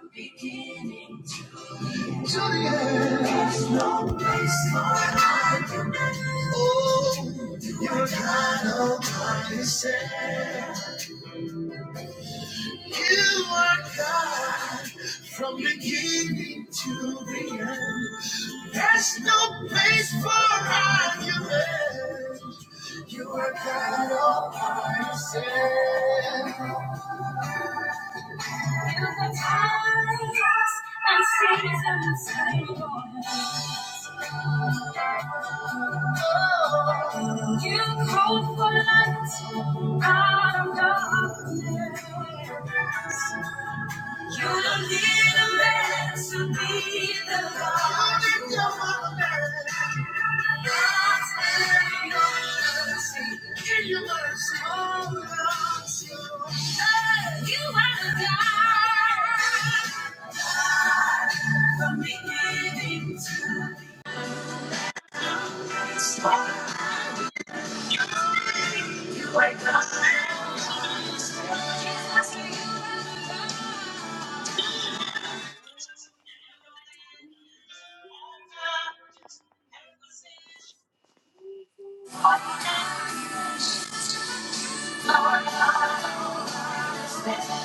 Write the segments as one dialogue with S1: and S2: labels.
S1: From beginning to the end. There's no place for argument. Oh, you are God all by yourself. You are God from beginning to the end. There's no place for argument. You are God all by yourself. Through the times and seasons and Oh, You called for light out of darkness. You don't need a man to be the God. in your not God's mercy. In your mercy. Oh, mercy. Hey, You are the God from beginning to end.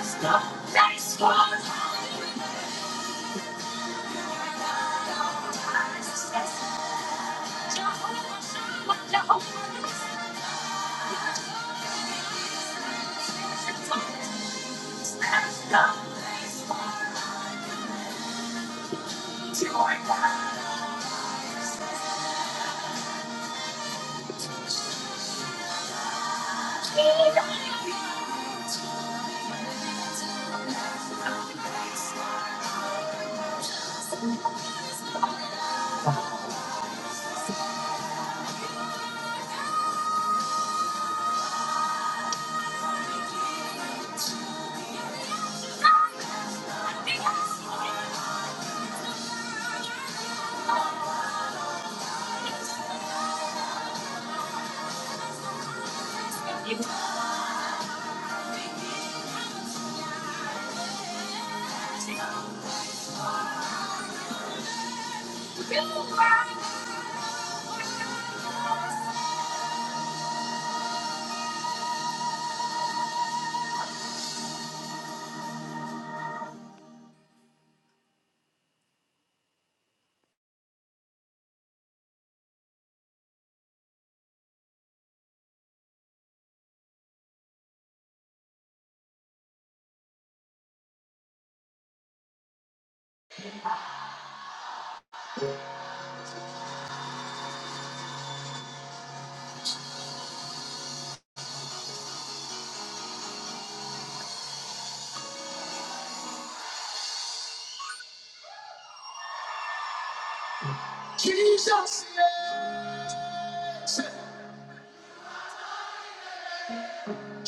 S1: Stop. Thanks for the eyes. Jesus, yes,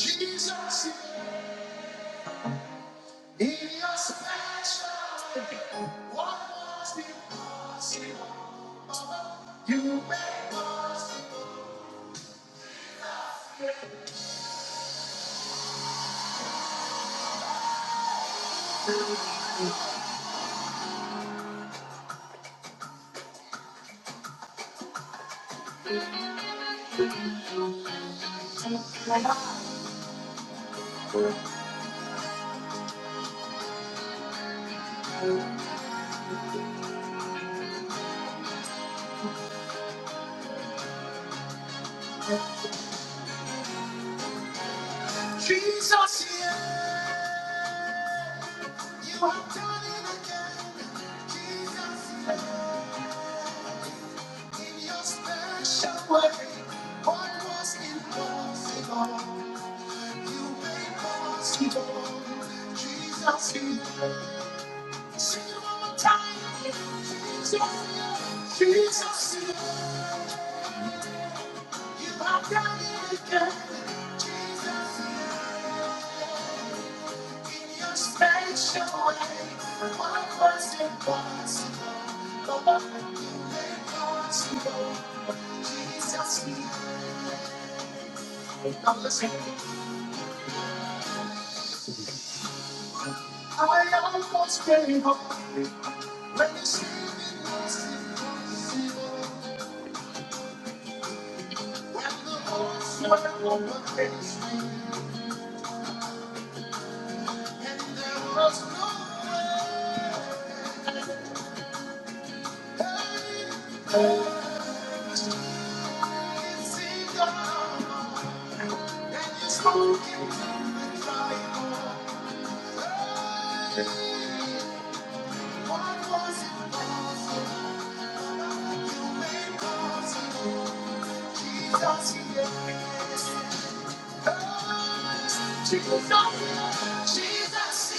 S1: Jesus, he is special. What was impossible? You made it. Jesus, yeah, you have done it again. Jesus, yes. In your special way, what was impossible, you made possible. Jesus, you sing it time. Jesus, Jesus, you have done it again. Jesus, in your special way, what was impossible, you made possible. Jesus, you. Now listen. I almost gave up. When the spirit was impossible, when the horse went on the page, there was no way. It seemed dark, and you spoke into the trial. What was impossible? You made possible. Jesus, yes. Jesus, Jesus,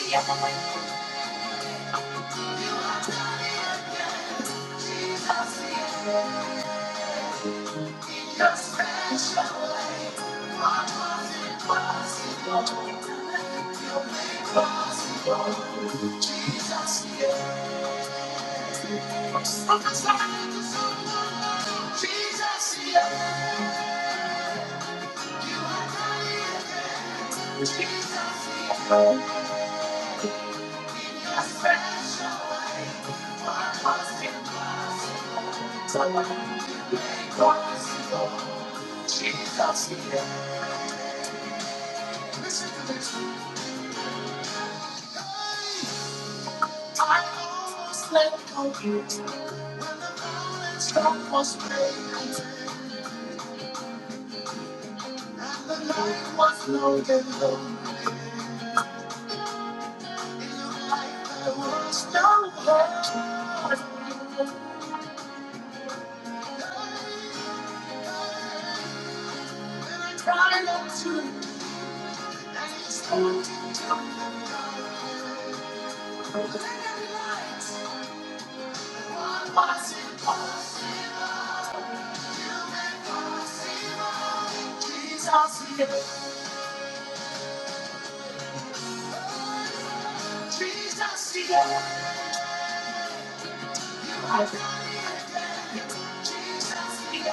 S1: Jesus, I almost Thank you. and You spoke into the and Jesus, Jesus Jesus Jesus Jesus You you You are impossible. impossible,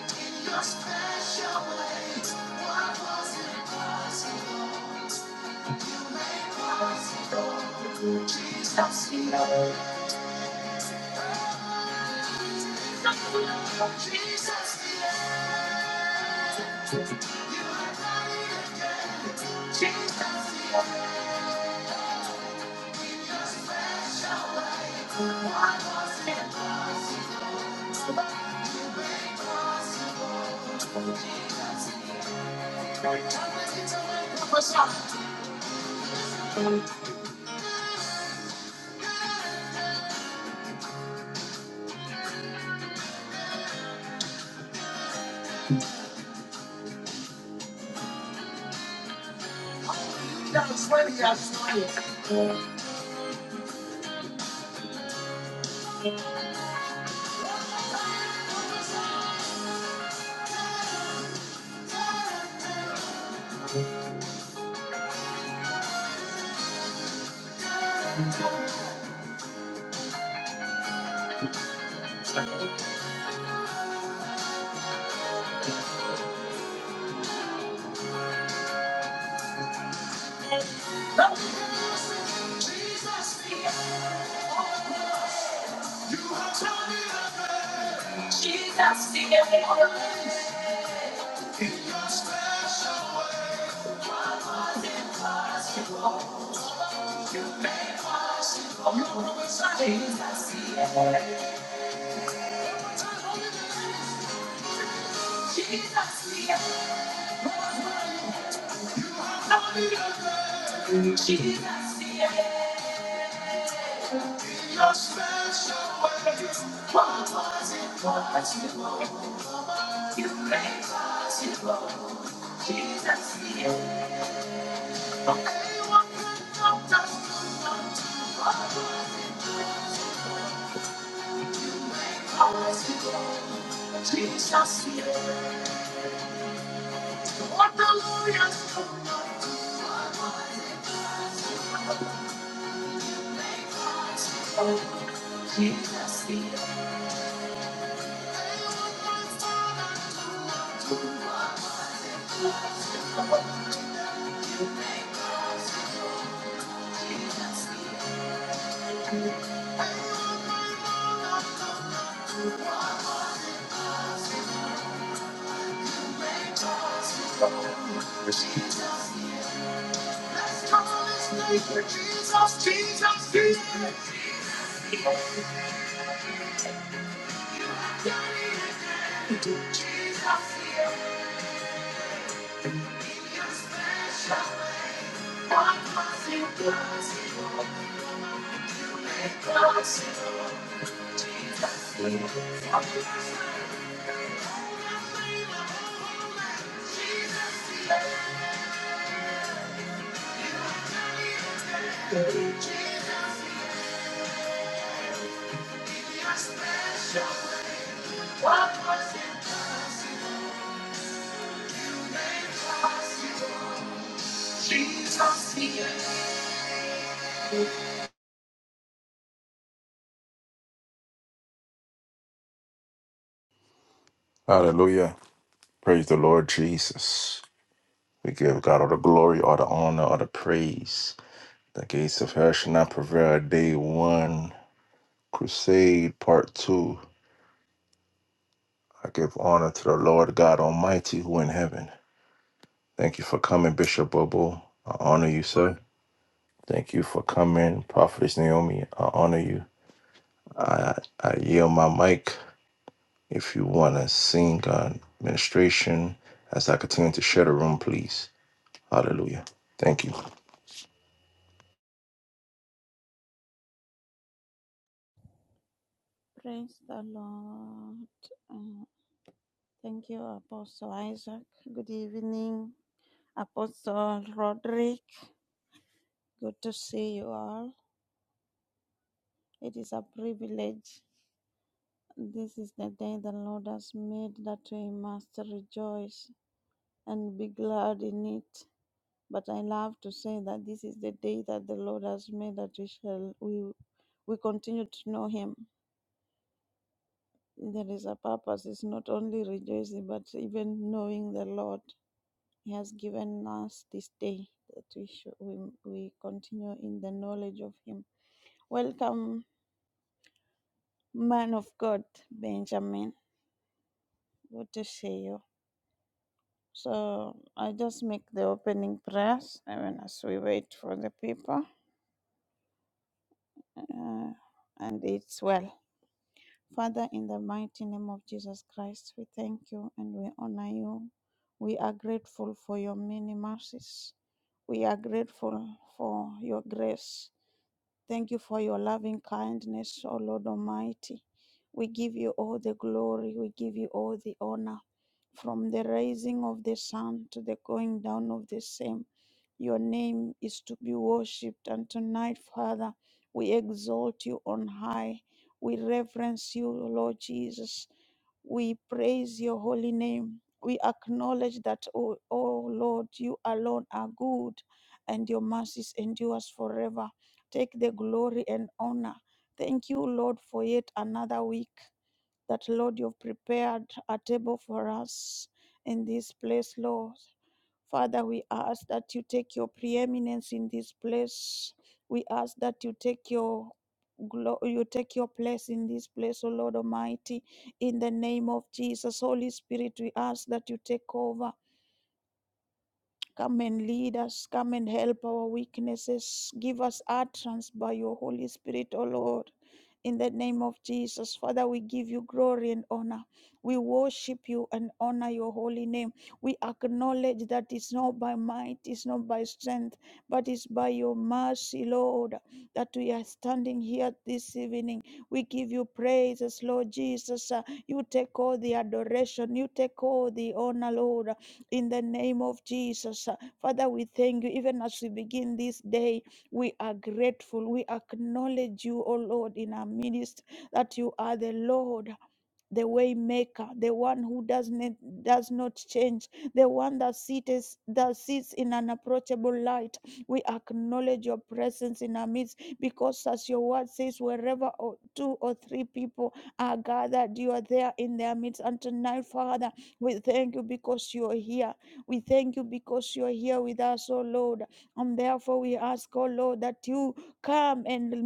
S1: in your special ways, What was impossible, you made possible. Jesus, you know, Jesus, worthy of Jesus, you know, in your impossible. You make possible your promise. Jesus, yeah. What the Lord Jesus, the Let's call his name for Jesus, Jesus, Jesus. Jesus, Jesus. Hallelujah. Praise the Lord Jesus. We give God all the glory, all the honor, all the praise. The gates of hell shall not prevail. Day one, crusade part two. I give honor to the Lord God Almighty who in heaven. Thank you for coming, Bishop Bobo. I honor you, sir. Thank you for coming, Prophetess Naomi. I honor you. I, I yield my mic. If you want to sing on administration, as I continue to share the room, please. Hallelujah. Thank you.
S2: Praise the Lord. Uh, thank you, Apostle Isaac. Good evening, Apostle Roderick. Good to see you all. It is a privilege. This is the day the Lord has made that we must rejoice and be glad in it. But I love to say that this is the day that the Lord has made that we shall we we continue to know Him. There is a purpose. It's not only rejoicing, but even knowing the Lord He has given us this day that we should we, we continue in the knowledge of Him. Welcome, man of God, Benjamin. Good to see you. So I just make the opening prayers I mean, as we wait for the people, uh, and it's well. Father, in the mighty name of Jesus Christ, we thank you and we honor you. We are grateful for your many mercies. We are grateful for your grace. Thank you for your loving kindness, O Lord Almighty. We give you all the glory, we give you all the honor. From the rising of the sun to the going down of the same, your name is to be worshipped. And tonight, Father, we exalt you on high. We reverence you, Lord Jesus. We praise your holy name. We acknowledge that, oh, oh Lord, you alone are good and your mercies endures forever. Take the glory and honor. Thank you, Lord, for yet another week that, Lord, you've prepared a table for us in this place, Lord. Father, we ask that you take your preeminence in this place. We ask that you take your glo- you take your place in this place, O Lord Almighty, in the name of Jesus. Holy Spirit, we ask that you take over. Come and lead us. Come and help our weaknesses. Give us utterance by your Holy Spirit, O Lord. In the name of Jesus, Father, we give you glory and honor. We worship you and honor your holy name. We acknowledge that it's not by might, it's not by strength, but it's by your mercy, Lord, that we are standing here this evening. We give you praises, Lord Jesus. Uh, You take all the adoration, you take all the honor, Lord in the name of Jesus. Uh, Father, we thank you. Even as we begin this day, we are grateful. We acknowledge you, O Lord, in our midst that you are the Lord the way maker, the one who does not does not change, the one that sits that sits in an approachable light. We acknowledge your presence in our midst because as your word says, wherever or two or three people are gathered, you are there in their midst. And tonight, Father, we thank you because you are here. We thank you because you are here with us, oh Lord. And therefore we ask, oh Lord, that you come and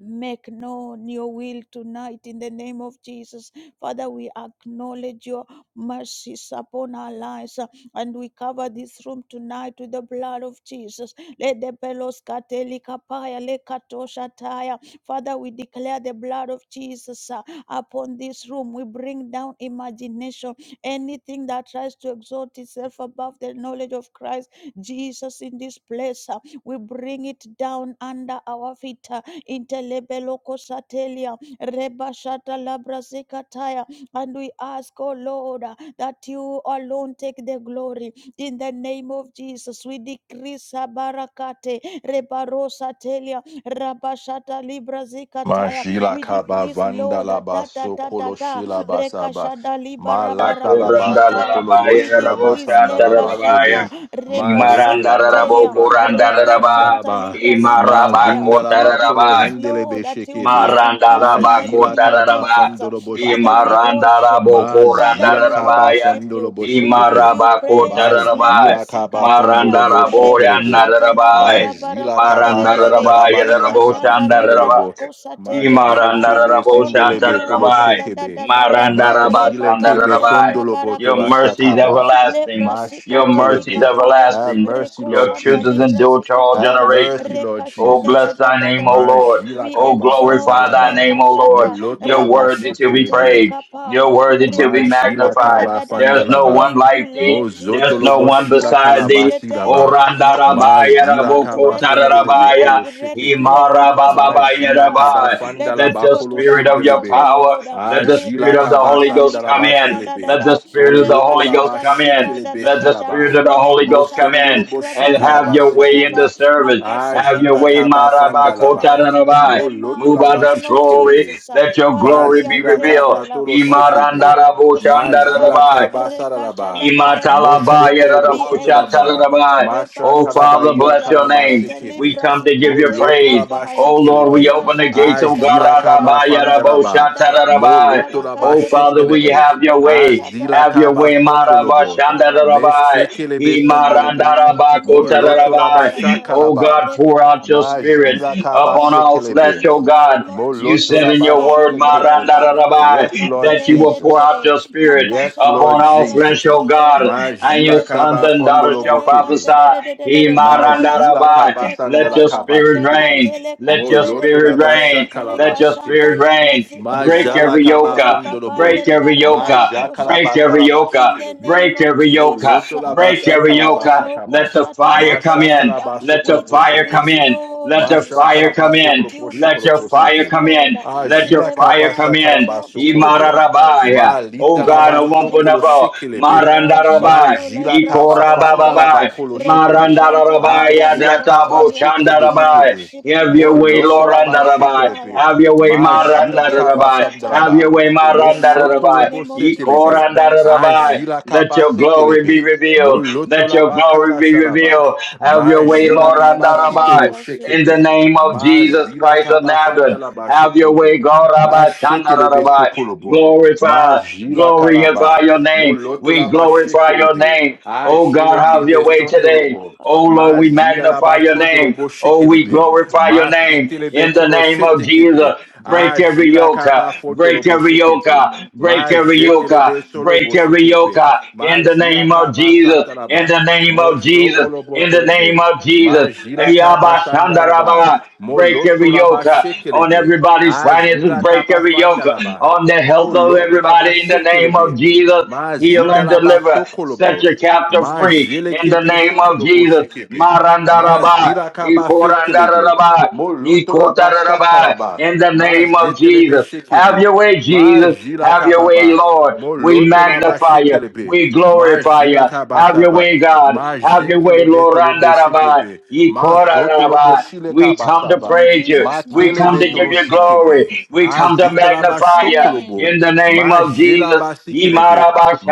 S2: Make known your will tonight in the name of Jesus. Father, we acknowledge your mercies upon our lives uh, and we cover this room tonight with the blood of Jesus. Let the pelos katelikapaya lekatosha taya. Father, we declare the blood of Jesus uh, upon this room. We bring down imagination, anything that tries to exalt itself above the knowledge of Christ Jesus in this place. uh, We bring it down under our feet. uh, Intelebeloko satelia. Reba shata labra sekataya. And we ask, oh Lord, uh, that you alone take the glory. In the name of Jesus, we decree sabarakate. Reba rosa telia. Raba shata libra zikataya.
S1: Majila
S2: We
S1: kaba
S2: decrease,
S1: vanda
S2: Lord,
S1: la
S2: that ta ta
S1: baso
S2: ta ta
S1: kolo
S2: ta.
S1: shila basaba.
S2: Rekashada liba
S1: Ma lata la baso
S2: rabarakoshataya.
S1: kolo
S2: We
S3: Kurandarabaya
S1: boshila
S2: decrease
S1: basanda la
S3: Rabochatarabaya
S2: lekashanta.
S1: bakebe. Ma
S2: Reba
S1: lete la
S3: Imarandarabo
S1: basu
S2: sekatelia.
S1: la kala
S3: Kurandaraba
S1: bashanda la
S2: Rekoshanta
S1: ba.
S2: libra
S1: Ma
S2: zikataya.
S3: Imarabako
S1: vinda la
S2: We
S1: ba kolo
S3: Tarabaya
S2: decrease,
S1: hendele
S2: Lord, that you
S1: beshekebe.
S2: must increase in the
S1: Ajila
S2: name of
S1: kaba
S2: Jesus.
S3: Marandarabakotararaba,
S2: Uh,
S1: fondolo
S2: Father, we
S1: boshekebe.
S2: worship you.
S1: Ma
S2: Father,
S1: zila
S2: we
S1: kaba
S3: Imarandarabokorandararabaya,
S2: worship
S1: fondolo
S2: you.
S1: bo
S2: We
S1: shekebe.
S2: give you
S1: Ma
S2: praises. Lebra
S3: Imarabakotararaba,
S1: jila kaba
S2: sikataya.
S1: fondolo bo shekelebe.
S2: Rekashata
S1: A
S3: Marandaraboyandararabai,
S1: jila kaba
S2: labarakaterere.
S1: zandala ba ila kaba
S2: Rekashanta
S1: fondolo
S3: Marandararabayaraboshandararabai,
S1: bo. Ma
S2: libarakosatelia.
S1: jile
S2: Father, we
S1: kebe
S2: honor
S1: zindelebe
S2: you.
S1: tolo
S3: Imarandaraboshatarabai,
S1: shekebe.
S2: Adadadadadada.
S1: Ma jile kebe
S2: Rebabandere
S3: Marandarabashandarabai.
S1: sondolo bo
S3: Your
S1: tola
S3: mercy is
S2: barabarakosataya.
S1: shakaba.
S3: everlasting.
S2: Lebra
S1: Ma
S3: Your
S2: sikateli
S3: mercy is
S1: shekelebe.
S2: kapaya.
S1: Have
S3: everlasting.
S1: mercy,
S3: Your
S1: Lord
S3: truth
S2: Rekoshanta
S3: is
S2: libra
S1: Jesus.
S3: endured to all
S1: Have
S2: zikatala.
S1: mercy,
S3: generations.
S1: Lord
S2: Rekasha
S3: Oh,
S2: da
S1: Jesus.
S2: da
S3: bless
S2: da
S3: thy
S2: da
S3: name,
S2: da
S3: O
S2: da.
S1: Ma
S2: da.
S3: Lord.
S1: jila
S2: We
S3: Oh,
S1: kaba
S2: exalt
S3: glorify thy
S1: fandalaba.
S3: name, O
S2: Lekashata
S3: Lord.
S1: Moloto
S3: Your
S1: laba
S3: word that you'll be
S1: shekelebe.
S2: Rabasukateli
S3: praised. Your
S2: Kapaya
S3: word that you'll be
S2: Rekasha da
S1: Majila
S2: da da
S3: magnified.
S1: kaba
S2: da da. da.
S3: There's no
S1: fandalaba.
S3: one
S2: Thank you,
S3: like thee.
S2: Lord
S3: There's
S2: Jesus,
S3: no
S1: Mozotolobo
S2: uh,
S3: one
S1: shila
S2: for
S3: beside
S2: this is
S1: kalaba
S3: thee.
S2: the day
S3: Oh,
S2: that
S1: silaba.
S2: you made. uh,
S3: Randarabaya
S2: We
S1: Mazila
S2: are
S3: Raboko
S1: kaba
S2: grateful.
S1: fendelebe
S2: We are
S3: Tararabaya.
S1: kolo
S2: grateful
S1: shekete.
S2: when it was told to
S1: Majila
S2: us. uh,
S1: kaba
S3: Imarabababaya.
S2: Let
S3: Let
S2: us
S1: fandalaba
S3: the
S2: go
S1: kolo
S2: to the
S3: spirit of
S2: house
S3: your
S2: of the
S1: sendelebe.
S3: power,
S2: Lord. uh,
S3: let the spirit
S1: Ajila
S2: Reba
S3: of the
S1: kaba
S3: Holy
S2: Shanta,
S3: Ghost come
S2: Rika
S1: sandalaba
S2: da
S3: in.
S2: da da da
S1: kelebe.
S3: Let the
S2: da.
S3: spirit of the Holy Ghost
S1: Olotolaba
S2: Rekashata
S3: come in.
S2: Likra da
S1: shekelebe
S2: da
S3: Let the
S2: da da.
S3: spirit
S1: silaba.
S3: of the Holy Ghost come
S2: Rekashanta
S3: in
S1: Mosondolobo
S2: Likra
S3: and
S2: bara
S3: have
S1: shikalaba
S2: bara
S3: your way
S2: bara
S3: in
S2: bara.
S1: sekebe.
S3: the service. Have your
S2: Makasekete
S1: Ajila
S3: way,
S2: libra
S1: kaba
S3: Maraba
S2: sikataya.
S1: fandalaba.
S2: In
S3: Kotarabai.
S2: the
S3: Move
S2: mighty
S3: out
S1: Molotolaba
S3: of
S2: name of
S3: glory.
S1: shekelebe.
S2: Jesus, uh,
S3: Let your
S2: Father,
S1: Ma
S3: glory
S2: we are
S3: be
S1: zila
S3: revealed.
S1: kaba
S2: grateful. uh,
S1: toro
S2: Ore
S1: shekebe.
S2: barako
S1: Ma zila
S2: shantaya.
S3: Imarandarabushandarabai.
S1: kaba
S2: Rekasha
S1: sararaba.
S2: da da da da
S1: Mo
S2: da da da.
S1: shokolo
S2: Be
S1: bosundaraba.
S2: exalted,
S3: Imatalabayarabushatarabai.
S1: Ma
S3: Oh,
S1: shakaraba
S3: Father,
S1: ila
S3: bless
S2: Rebarosatelia,
S3: your
S1: kalaba
S3: name. We
S1: sekebe.
S2: Itelibra
S3: come to
S1: Mo
S3: give you
S1: loto
S3: praise.
S1: laba
S2: Zicatelicapaya,
S3: Oh, Lord, we
S1: shikelebe.
S3: open the
S2: Rebashada
S3: gates
S1: A
S2: da
S3: of
S2: da da
S1: zila
S2: da da,
S1: kaba fandaraba.
S2: Rekashada la
S1: Mo
S3: Garadabayarabushatarabai.
S1: loto
S2: barabara
S1: laba
S3: Oh,
S2: catere,
S3: Father, we
S1: shekelebe.
S3: have your
S1: A
S3: way.
S2: Rekashata
S1: zila
S3: Have your
S1: kaba
S3: way, Maraba
S1: sondolobo.
S2: Libra
S1: Me
S3: Shandarabai.
S1: shekelebe
S2: in the
S1: sendelebe.
S2: mighty
S1: Mo loto
S2: Nededebo
S1: laba
S3: Himarandarabakotararabai.
S2: Shataya,
S3: Oh
S1: shakalaba.
S3: God, pour out your
S2: Rekashata
S1: Ma
S2: Libra
S3: spirit
S1: zila kaba
S3: upon
S2: Zikatelia,
S3: all flesh,
S1: sekelebe.
S2: in
S3: oh
S2: the
S3: God.
S2: name of
S3: You
S1: Moloto
S3: said
S1: la
S3: in
S2: Jesus,
S3: your
S2: ah,
S3: word,
S1: Molotolabashelekepe. Yes,
S3: Marandarabai,
S1: Lord
S3: that you will pour out
S1: Jesus.
S2: Rabarabarakaterede,
S3: your spirit
S1: Yes,
S2: Makashanta
S1: Lord
S3: upon all
S2: Libra
S3: flesh,
S1: Jesus.
S3: O God,
S2: Zikatelia,
S3: and your
S1: Majila
S3: sons
S1: kaba
S3: and daughters shall
S1: fondolobokepe.
S3: prophesy.
S2: Tetelekatelekaterede, Holy
S1: Majila
S2: Spirit
S3: Himarandarabai.
S2: take
S1: kabasanda
S3: Let
S1: la
S3: your
S2: over,
S3: spirit
S1: kabashetebe.
S3: reign. Let your
S1: Moloto la
S3: spirit
S2: Tekatelekaterede,
S1: basha
S3: reign. Let your
S2: Rekashanta
S3: spirit
S1: kalabasetebe.
S2: Libra
S3: reign. Break
S1: Majala
S2: Zikataya,
S3: every yoka,
S1: kabafondolobo.
S3: break
S2: Repapandere
S3: every yoka,
S1: Maja
S3: break
S1: kalabata
S3: every
S2: Barabarakoshataya,
S1: la
S3: yoka,
S2: in the
S1: bashetebe.
S2: name
S3: break
S2: of
S3: every yoka,
S2: Jesus.
S1: Moloto
S2: ah.
S1: la
S3: break
S1: basha
S2: Take
S3: every
S2: over,
S3: yoka.
S1: kalabasa
S2: Loco
S1: kaba.
S3: Let the
S2: Shata
S3: fire
S2: Libra
S3: come
S1: Masha
S3: in.
S2: Zika.
S1: kalabaso
S3: Let the
S2: We
S1: koloposhe
S3: fire come
S2: decrease,
S1: polebe.
S3: in.
S2: Lord
S3: Let the
S1: Masha
S2: Jesus,
S3: fire
S2: uh,
S3: come
S1: kalabaso
S2: that
S3: in.
S2: you
S1: koloposhe
S3: Let
S2: must
S3: your fire
S2: increase,
S1: koloposebe.
S3: come
S2: Lord,
S3: in.
S2: uh,
S3: Let
S2: in
S3: your
S1: Ajila
S2: the
S3: fire
S1: kabasa
S3: come
S2: mighty
S3: in.
S2: name of
S1: kalabaso
S2: Jesus
S1: kolobo.
S2: the Christ. uh.
S3: Imararabaya. Oh
S1: Malita la
S2: Father,
S3: God, Marana
S2: we
S1: baso
S2: thank you.
S3: Wampunabo,
S2: We
S1: koloshekelebe.
S2: worship you,
S3: Marandarabai,
S1: Majila kabafanda la
S2: Lebraskotalia,
S3: Ikorababai,
S1: bakoloshekebe.
S2: Rekashanta
S3: Marandarabai,
S1: Agila kaba
S3: Yadatabo,
S2: Librazikatelia.
S1: sekelebe
S2: We
S3: Shandarabai.
S1: shekebe.
S2: worship you,
S3: Have your way,
S2: Loko
S1: Moloto laba
S3: Lorandarabai.
S2: Shatalikapaya.
S1: shekelebe.
S3: Have your way,
S2: In the de- de-
S1: Magila
S2: Debo
S1: kaba
S3: Marandarabai. Have
S2: Shataya,
S1: samdraba.
S3: your way,
S2: in the mighty
S3: Marandarabai,
S1: Moshokolobo
S2: name of Jesus
S1: setelebe.
S2: Christ, we
S3: Ikorandarabai.
S2: pray.
S1: Agila
S3: Let
S1: kaba
S3: your glory be
S1: setelebe.
S3: revealed.
S1: Moloto
S3: Let your
S1: laba
S3: glory
S1: kala
S3: be
S1: shalaba.
S3: revealed. Have your
S2: In
S3: way,
S2: the
S1: Magila
S2: name of
S1: kaba
S2: Jesus
S1: sitolo
S3: Lorandarabai.
S2: Christ, we
S3: In the
S1: shekepe.
S2: pray.
S3: name of
S1: Ma
S3: Jesus
S1: zila
S3: Christ of
S1: kaba fanda
S3: Nazareth,
S1: la ba
S3: have your way,
S1: shokolobo.
S3: God.
S1: Ma
S3: Rabba, Shanna,
S1: shekelebe
S3: Rabba.
S1: sokolobo. Ma
S3: Glorify.
S1: jila
S3: Glorify
S1: kalaba.
S3: your
S1: Mo
S3: name.
S1: loto
S3: We
S1: la ba
S3: glorify your
S1: shekelebe.
S3: name.
S1: A
S3: Oh God,
S1: jele
S3: have your
S1: kebe
S3: way
S2: Nsele
S3: today.
S1: sondolobo.
S2: baraka
S3: Oh Lord,
S2: shata
S1: Ma
S3: we
S2: ta
S1: zida
S2: ta
S1: la
S2: ta
S3: magnify
S1: ba
S3: your name.
S1: sodolobo
S3: Oh, we
S1: shekelebe.
S3: glorify your
S1: Ma
S3: name
S2: Maka
S1: setelebe
S3: in the
S2: shata
S1: kolo
S3: name
S2: ta,
S3: of
S2: bara
S1: shetekebe.
S3: Jesus.
S2: baraka
S1: A
S3: Break
S2: ta ta,
S3: every
S2: ta
S1: jila
S2: ta
S3: yoke, uh,
S1: kaba
S3: break
S1: fotolobo
S3: every yoke,
S1: shekebe.
S3: uh, break
S1: Ma
S3: every
S2: nakashatataparabarakatatatata,
S3: yoke, uh,
S1: jetelebe solobo
S3: break every yoke
S1: shekebe.
S3: uh,
S1: Ma
S3: in the
S1: jila
S3: name of
S1: kaba
S3: Jesus, in
S1: satalaba.
S3: the name
S1: Mo
S3: of Jesus,
S1: shokolobo
S3: in the name
S1: telebe.
S3: of Jesus.
S1: Majila kaba sandalaba,
S3: Yabashandarabba. Break every yoke
S1: molosolaba
S3: uh, on
S1: shekelebe,
S3: everybody's finances.
S1: azila
S3: Break
S1: kaba
S3: every yoke uh,
S1: fandalaba,
S3: on the health of
S1: polotolaba
S3: everybody in the name of
S1: shekelebe,
S3: Jesus heal
S1: mazita
S3: and
S1: laba
S3: deliver, set
S1: sokolobo,
S3: your captive free in the
S1: majelekebe
S3: name of
S1: sotolobo
S3: Jesus.
S1: shekebe,
S2: makashatatata.
S3: Marandaraba,
S1: mazila kaba fetkelebe,
S3: ikorandaraba,
S1: molotolaba
S3: ikotaraba,
S1: shakalaba,
S3: In the name of
S1: mazetelebe
S3: Jesus. Have
S1: shekebe.
S3: your way, Jesus.
S1: Majila
S3: Have your
S1: kababa.
S3: way, Lord. We
S1: Moloto la ba
S3: magnify you.
S1: shekelebe.
S3: We glorify
S1: Majila
S3: you. Have your
S1: kabasaba.
S3: way, God. Have your way,
S1: Majekelebe
S3: Lord.
S1: tolobo
S3: Randaraba,
S1: shekebe. Mazoto lobo
S3: ikotaraba.
S1: shile
S3: We come to
S1: kabasaba.
S2: In
S3: praise you.
S2: Jesus'
S3: We
S2: mighty
S3: come
S1: Makelebe
S3: to
S2: name
S3: give
S1: tolo
S2: we
S3: you
S2: pray.
S1: shekebe.
S3: glory. We come to
S1: Azita la ba
S3: magnify you
S1: shokolobo.
S2: Amen.
S3: in the name of
S1: Majila
S3: Jesus.
S1: basikelebe. sikelebe.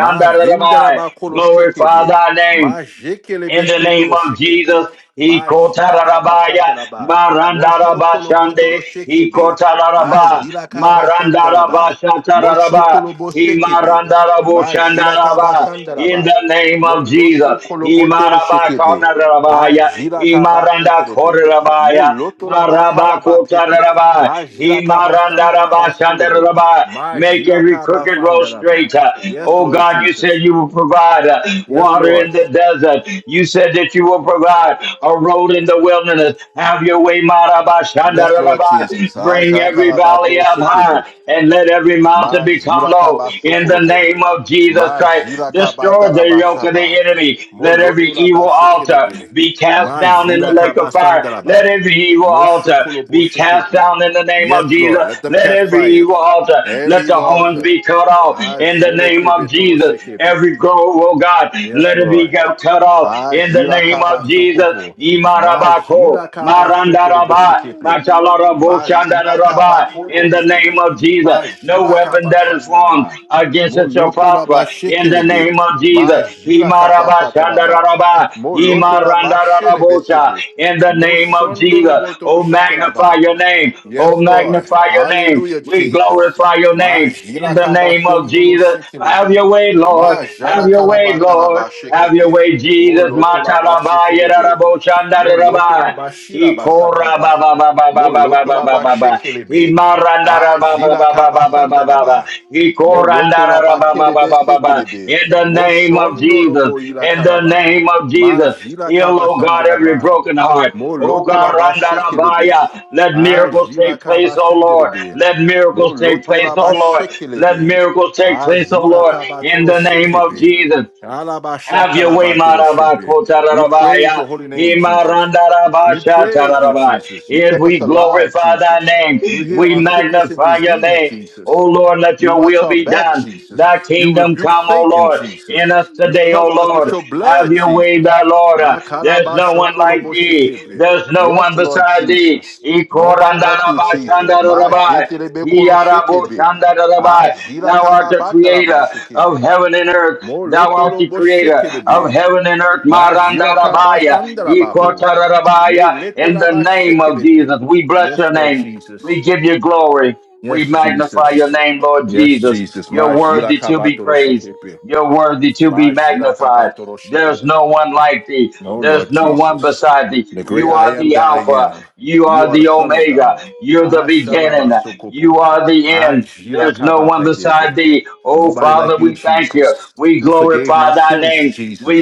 S1: Mavinda la bakolo kolo
S3: Glorify
S1: shekebe.
S3: thy name in the name of
S1: Majekelebesotoroshekebe.
S3: Jesus. Ikotarabaya
S1: Majilakabasataraba.
S3: marandarabashande
S1: Moshokolobotoroshekeebe.
S3: ikotaraba
S1: Azilakabasandaraba.
S3: marandarabashataraba
S1: Moshokolobosekebe.
S3: imarandarabushandaraba in
S1: Majilakabasandaraba.
S3: the name of Jesus.
S1: Moloshokolobotoroshekeebe.
S3: Imarabakonarabaya
S1: Ajilakabasetelebe.
S3: imarandakorabaya
S1: Molotolabakalabapete.
S3: marabakotarabaya
S1: Ajilakabasandalabasolobo.
S3: imarandarabashandarabaya make every crooked road
S1: Majilakabafandaraba.
S3: straight.
S1: Yes,
S3: Oh
S1: Lord
S3: God, you
S1: Jesus.
S3: said you will provide uh,
S1: Yes,
S3: water in
S1: Lord.
S3: the desert desert. You said that you will provide a road in the wilderness. Have your way,
S2: From
S1: Yes, Lord
S3: Marabashandarabai.
S1: Jesus.
S3: Bring
S1: Aja
S3: every valley
S1: kalabato
S3: up
S2: the
S1: shekebe.
S3: high and let every mountain become
S1: Majila
S3: low.
S1: kabaso
S3: In the
S1: kolobo.
S3: name of Jesus Christ,
S1: Majila kabata
S3: destroy the yoke of
S1: rabashaba.
S3: the enemy. Let every
S1: Moloto
S3: evil altar
S1: labashekelebe.
S3: be cast down in the
S1: Majila
S3: lake of fire. Let
S1: kabasandaraba.
S3: every evil
S1: Mosho
S3: altar
S1: kolobo
S3: be cast
S1: shekebe.
S3: down in the name
S1: Yes,
S3: of Jesus.
S1: Lord. Let them
S3: Let
S1: catch
S3: every
S1: fire.
S3: evil altar,
S1: Every
S3: let the
S1: evil
S3: horns
S1: altar.
S3: be cut off
S2: bottom
S3: in the
S1: Ajele
S3: name
S1: kebe
S3: of
S2: of
S1: tolo
S3: Jesus.
S2: my
S1: shekebe.
S3: Every grove, oh God,
S1: Yes,
S3: let it be
S1: Lord.
S3: be cut off in the
S1: Ajira
S3: name of Jesus.
S1: kabasokopo.
S3: Imarabako,
S1: Majira
S2: heart,
S1: kabasoto no
S3: Marandaraba,
S1: boshekepe.
S3: Machalarabo,
S2: only we
S1: Mazira
S3: Shandaraba,
S1: kabapolo
S3: in the
S2: praise,
S3: name
S1: hekepe.
S3: of Jesus. No
S1: Majira
S3: weapon that
S2: Jesus.
S3: is formed
S1: kabasandanaba.
S3: against us shall
S2: We
S1: Moloto la
S3: prosper in the
S1: bashekelebe.
S3: name of Jesus.
S1: Majira
S3: Imaraba,
S1: kabasatanaba.
S2: praise
S3: Shandaraba,
S1: Moloto la bashelebe
S3: Imarandarabosha,
S1: sepe.
S3: in the name of
S1: Moshondo lo
S3: Jesus.
S1: botoro
S3: Oh,
S2: Jesus.
S3: magnify
S1: shikelaba.
S3: your name. Oh,
S1: Yes, Lord.
S3: magnify your name.
S1: Hallelujah,
S3: We
S1: Jesus.
S3: glorify your
S2: we
S3: name in
S1: Majila
S3: the name of
S2: praise.
S1: kabasondolo
S3: Jesus. Have
S2: It
S1: shekelebe.
S2: is
S3: your way, Lord. Have
S1: Majala
S3: your way,
S1: karabata
S3: Lord.
S1: laba
S3: Lord. Have your
S1: shekebe.
S3: way, Jesus.
S1: Moloto laba
S2: a
S3: Matalabaya
S1: shekelebe.
S3: rarabo
S1: Moloto
S3: shandarabai.
S1: laba shiraba
S3: Ikora
S1: sakaba.
S3: ba ba ba ba ba ba ba
S1: Moloto
S3: ba
S1: la
S3: ba ba ba.
S1: shekelebe.
S3: Imarandara ba ba
S1: Ajila
S3: ba ba ba ba ba ba ba.
S1: kabasandalaba.
S2: beautiful
S1: Moloto la
S3: Ikorandara ra ba ba ba
S1: kelebe
S3: ba ba
S2: day.
S3: ba.
S1: setelebe.
S3: In the
S2: Baby,
S3: name of
S1: Moshondo
S3: Jesus.
S1: lobo ila
S3: In the
S1: karaba.
S3: name of
S2: pray
S3: Jesus.
S1: Majila
S3: Heal, oh God, every
S1: kabasandalaba.
S3: broken
S2: From
S3: heart.
S2: the
S3: Oh God,
S2: bottom
S1: Molotolaba
S2: of
S3: randara
S2: my
S1: shekelebe.
S3: baya. Let
S1: Ah,
S2: heart,
S3: miracles
S1: jila
S3: take place,
S1: kaba
S3: oh Lord.
S1: sendelebe.
S3: Let
S2: Lord,
S3: miracles take place, oh
S1: Molotolaba
S3: Lord. Let
S1: shekelebe.
S3: miracles take
S1: Ah,
S3: place,
S2: we
S3: oh
S1: zila
S3: Lord.
S1: kaba
S3: In
S1: toro
S3: the name of
S1: shekebe.
S3: Jesus.
S2: praise
S1: Alaba
S3: Have your way,
S1: shakalaba toro shepe. We praise
S3: Marabakotarabaya.
S1: your holy name, Jesus. We praise you,
S3: Imarandarabashatarabai.
S1: Jesus. You
S3: If
S1: kept us
S3: we
S1: alive,
S3: glorify thy
S1: Jesus.
S3: name,
S1: You heal
S3: we
S1: our sickness and
S3: magnify your
S1: disease,
S3: name. O
S1: Jesus.
S2: you.
S3: Lord, let
S1: You
S3: your
S1: watch
S2: Thank
S3: will
S1: our
S3: be
S2: you.
S1: back,
S3: done.
S1: Jesus.
S3: Thy
S1: You
S3: kingdom
S1: rebuke
S3: come, O
S1: Satan,
S3: Lord,
S1: Jesus.
S3: in us
S1: You
S3: today, O
S1: cover us with
S3: Lord.
S1: your
S3: Have
S1: blood,
S3: your way, thy
S1: Jesus.
S3: Lord.
S1: Ah,
S3: There's no one like thee.
S1: kalabashondoloboshekepe.
S3: There's no
S1: Yes,
S3: one
S1: Lord
S3: beside thee.
S1: Jesus. Nobody like you, Jesus. Ma
S3: Ikorandarabashandarabai.
S1: jetelebe koloshekebe. Ah,
S3: Yadaboshandadadabai.
S1: jira
S3: Thou art the creator of
S1: kababatalabashekebe.
S3: heaven and earth. Thou art the creator of
S1: Molotoloboshekelebe.
S3: heaven and earth.
S1: Ma jira
S3: Marandarabaya.
S1: kabasandalababu. Me
S3: Ikotarabaya. In the name of
S1: letelabashekelebe.
S3: Jesus, we bless
S1: Yes,
S3: your
S1: Lord
S3: name.
S1: Jesus.
S3: We give you glory. We
S1: Yes,
S3: magnify your
S1: Jesus.
S3: name, Lord
S1: Yes,
S3: Jesus.
S1: Jesus.
S3: You're
S1: Majila
S3: worthy to be
S1: kabatoro
S3: praised.
S1: shikipi.
S3: You're worthy to be
S1: Majila
S2: akajiovane
S3: magnified.
S1: kabatoro
S3: There's
S1: shikipi.
S3: no one like thee.
S1: No,
S3: There's
S1: Lord
S3: no one
S1: Jesus.
S3: beside thee.
S1: The great
S3: You
S1: I
S3: are
S1: am
S3: the
S1: that I
S3: Alpha.
S1: am.
S3: You
S1: You
S3: are
S1: are the
S3: the
S1: Son of
S3: Omega.
S1: God.
S3: You're the beginning. You
S1: Asharabasokopo.
S3: are the end.
S1: Ajila
S3: There's no one
S1: kabapedebe.
S3: beside thee. Oh,
S1: Nobody like
S3: Father,
S1: you,
S3: we thank you.
S1: Jesus,
S3: We
S1: who forgave my
S3: glorify thy
S1: sins,
S3: name.
S1: Jesus,
S3: We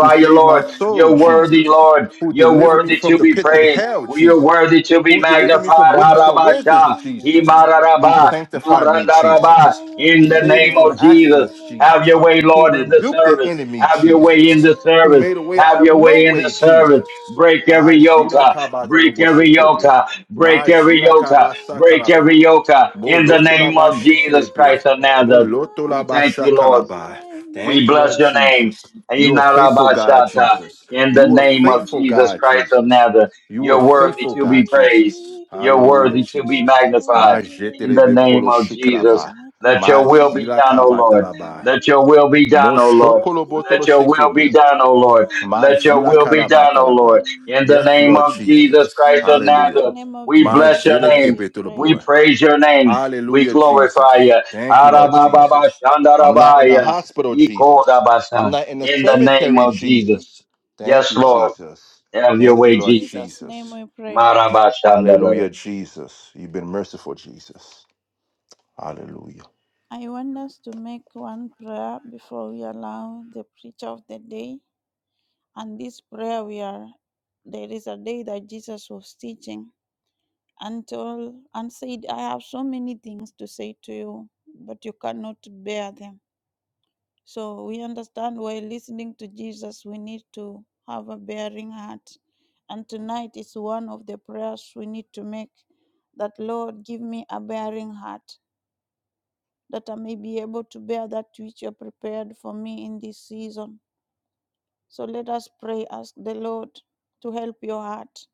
S1: who
S3: you,
S1: saved my
S3: Lord.
S1: soul,
S3: You're worthy,
S1: Jesus,
S3: Lord.
S1: who
S3: You're
S1: delivered me
S3: worthy
S1: from
S3: to
S1: the
S3: be
S1: pits of
S3: praised.
S1: hell,
S3: You're
S1: Jesus,
S3: worthy to be
S1: who delivered me from
S3: magnified.
S1: witches and wizards,
S3: Harabasha,
S2: mema
S1: Jesus, who
S3: Himararaba,
S1: sanctified me,
S3: Marandaraba.
S1: Jesus, who
S3: In the
S1: saved me
S3: name
S1: from
S3: of
S2: akaka
S3: Jesus.
S1: accidents,
S3: Have
S1: Jesus,
S3: your way,
S1: who
S3: Lord, in the
S1: rebuked the
S3: service.
S1: enemy,
S3: Have your way in
S1: Jesus,
S3: the
S2: Tata,
S1: who
S3: service.
S1: made a way out
S3: Have
S1: of
S3: your
S1: no
S3: way in the
S1: way,
S3: service.
S1: Jesus.
S3: Break
S1: Ah,
S3: every yoke.
S1: Jila
S3: uh, Break every yoke.
S1: Kabatoloboshekepe.
S3: uh, Break
S1: Ma
S3: every
S1: Jila
S3: yoke. uh, Break every
S1: Kabasakalaba.
S3: yoke. uh, In the name
S1: Molotolaba
S3: of Jesus
S1: Shekelebe.
S3: Christ of Nazareth.
S1: Moloto la
S3: We
S1: ba
S3: thank you, Lord.
S1: shakalaba.
S3: We
S1: Thank you,
S3: bless
S1: Lord
S3: your name.
S1: Jesus. You are faithful, God
S3: Inarabashata,
S1: Jesus.
S3: In the
S1: You are
S3: name of
S1: faithful,
S3: Jesus
S1: God
S3: Christ of
S1: Jesus.
S3: Nazareth,
S1: You are
S3: you're worthy
S1: faithful,
S3: to be
S1: God
S3: praised.
S1: Jesus.
S3: You're
S1: Hallelujah,
S3: worthy to be
S1: Jesus.
S3: magnified.
S1: Ma
S3: In the
S1: jetelebe
S3: name
S1: kolo
S3: of Jesus,
S1: shikalaba.
S3: let
S1: Ma
S3: your will be
S1: zila
S3: done, O Lord.
S1: kabatalaba.
S3: Let
S2: Akaka.
S3: your will be
S1: Mo
S3: done, O Lord.
S1: shokolo botolo
S3: Let your will be
S1: shekebe.
S3: done, O Lord.
S1: Ma
S3: Let your
S1: jila
S3: will be done, O
S1: kalabatalaba.
S3: Lord. In the
S1: Yes,
S3: name
S1: Lord
S3: of Jesus
S1: Jesus.
S2: In
S3: Christ
S2: the
S3: of
S1: Hallelujah.
S2: mighty
S3: Nazareth,
S2: name of
S3: we
S1: Ma
S3: bless
S2: Jesus
S3: your
S1: jele
S2: Christ,
S3: name.
S2: we
S1: kebe
S2: pray.
S3: We
S1: toloboa.
S3: praise your name. We
S1: Hallelujah,
S3: glorify
S1: Jesus.
S3: you.
S1: Thank you, Lord Jesus. I'm not in the
S3: Arababashandarabaya.
S1: hospital,
S3: Ye called
S1: Jesus.
S3: Abasa
S1: I'm not in the
S3: In the name
S1: cemetery,
S3: of Jesus.
S1: Jesus. Thank
S3: Yes,
S1: you,
S3: Lord.
S1: Jesus.
S3: Have your
S1: Thank you,
S3: way,
S2: In
S1: Lord
S3: Jesus.
S2: Jesus' name,
S1: Jesus.
S2: we pray.
S3: Marabashandara.
S1: Hallelujah, Jesus. You've been merciful, Jesus. Hallelujah.
S2: I want us to make one prayer before we allow the preacher of the day. And this prayer, we are there is a day that Jesus was teaching and told and said, "I have so many things to say to you, but you cannot bear them." So we understand while listening to Jesus, we need to have a bearing heart. And tonight is one of the prayers we need to make that, Lord, give me a bearing heart that I may be able to bear that which you have prepared for me in this season. So let us pray, ask the Lord to help your heart.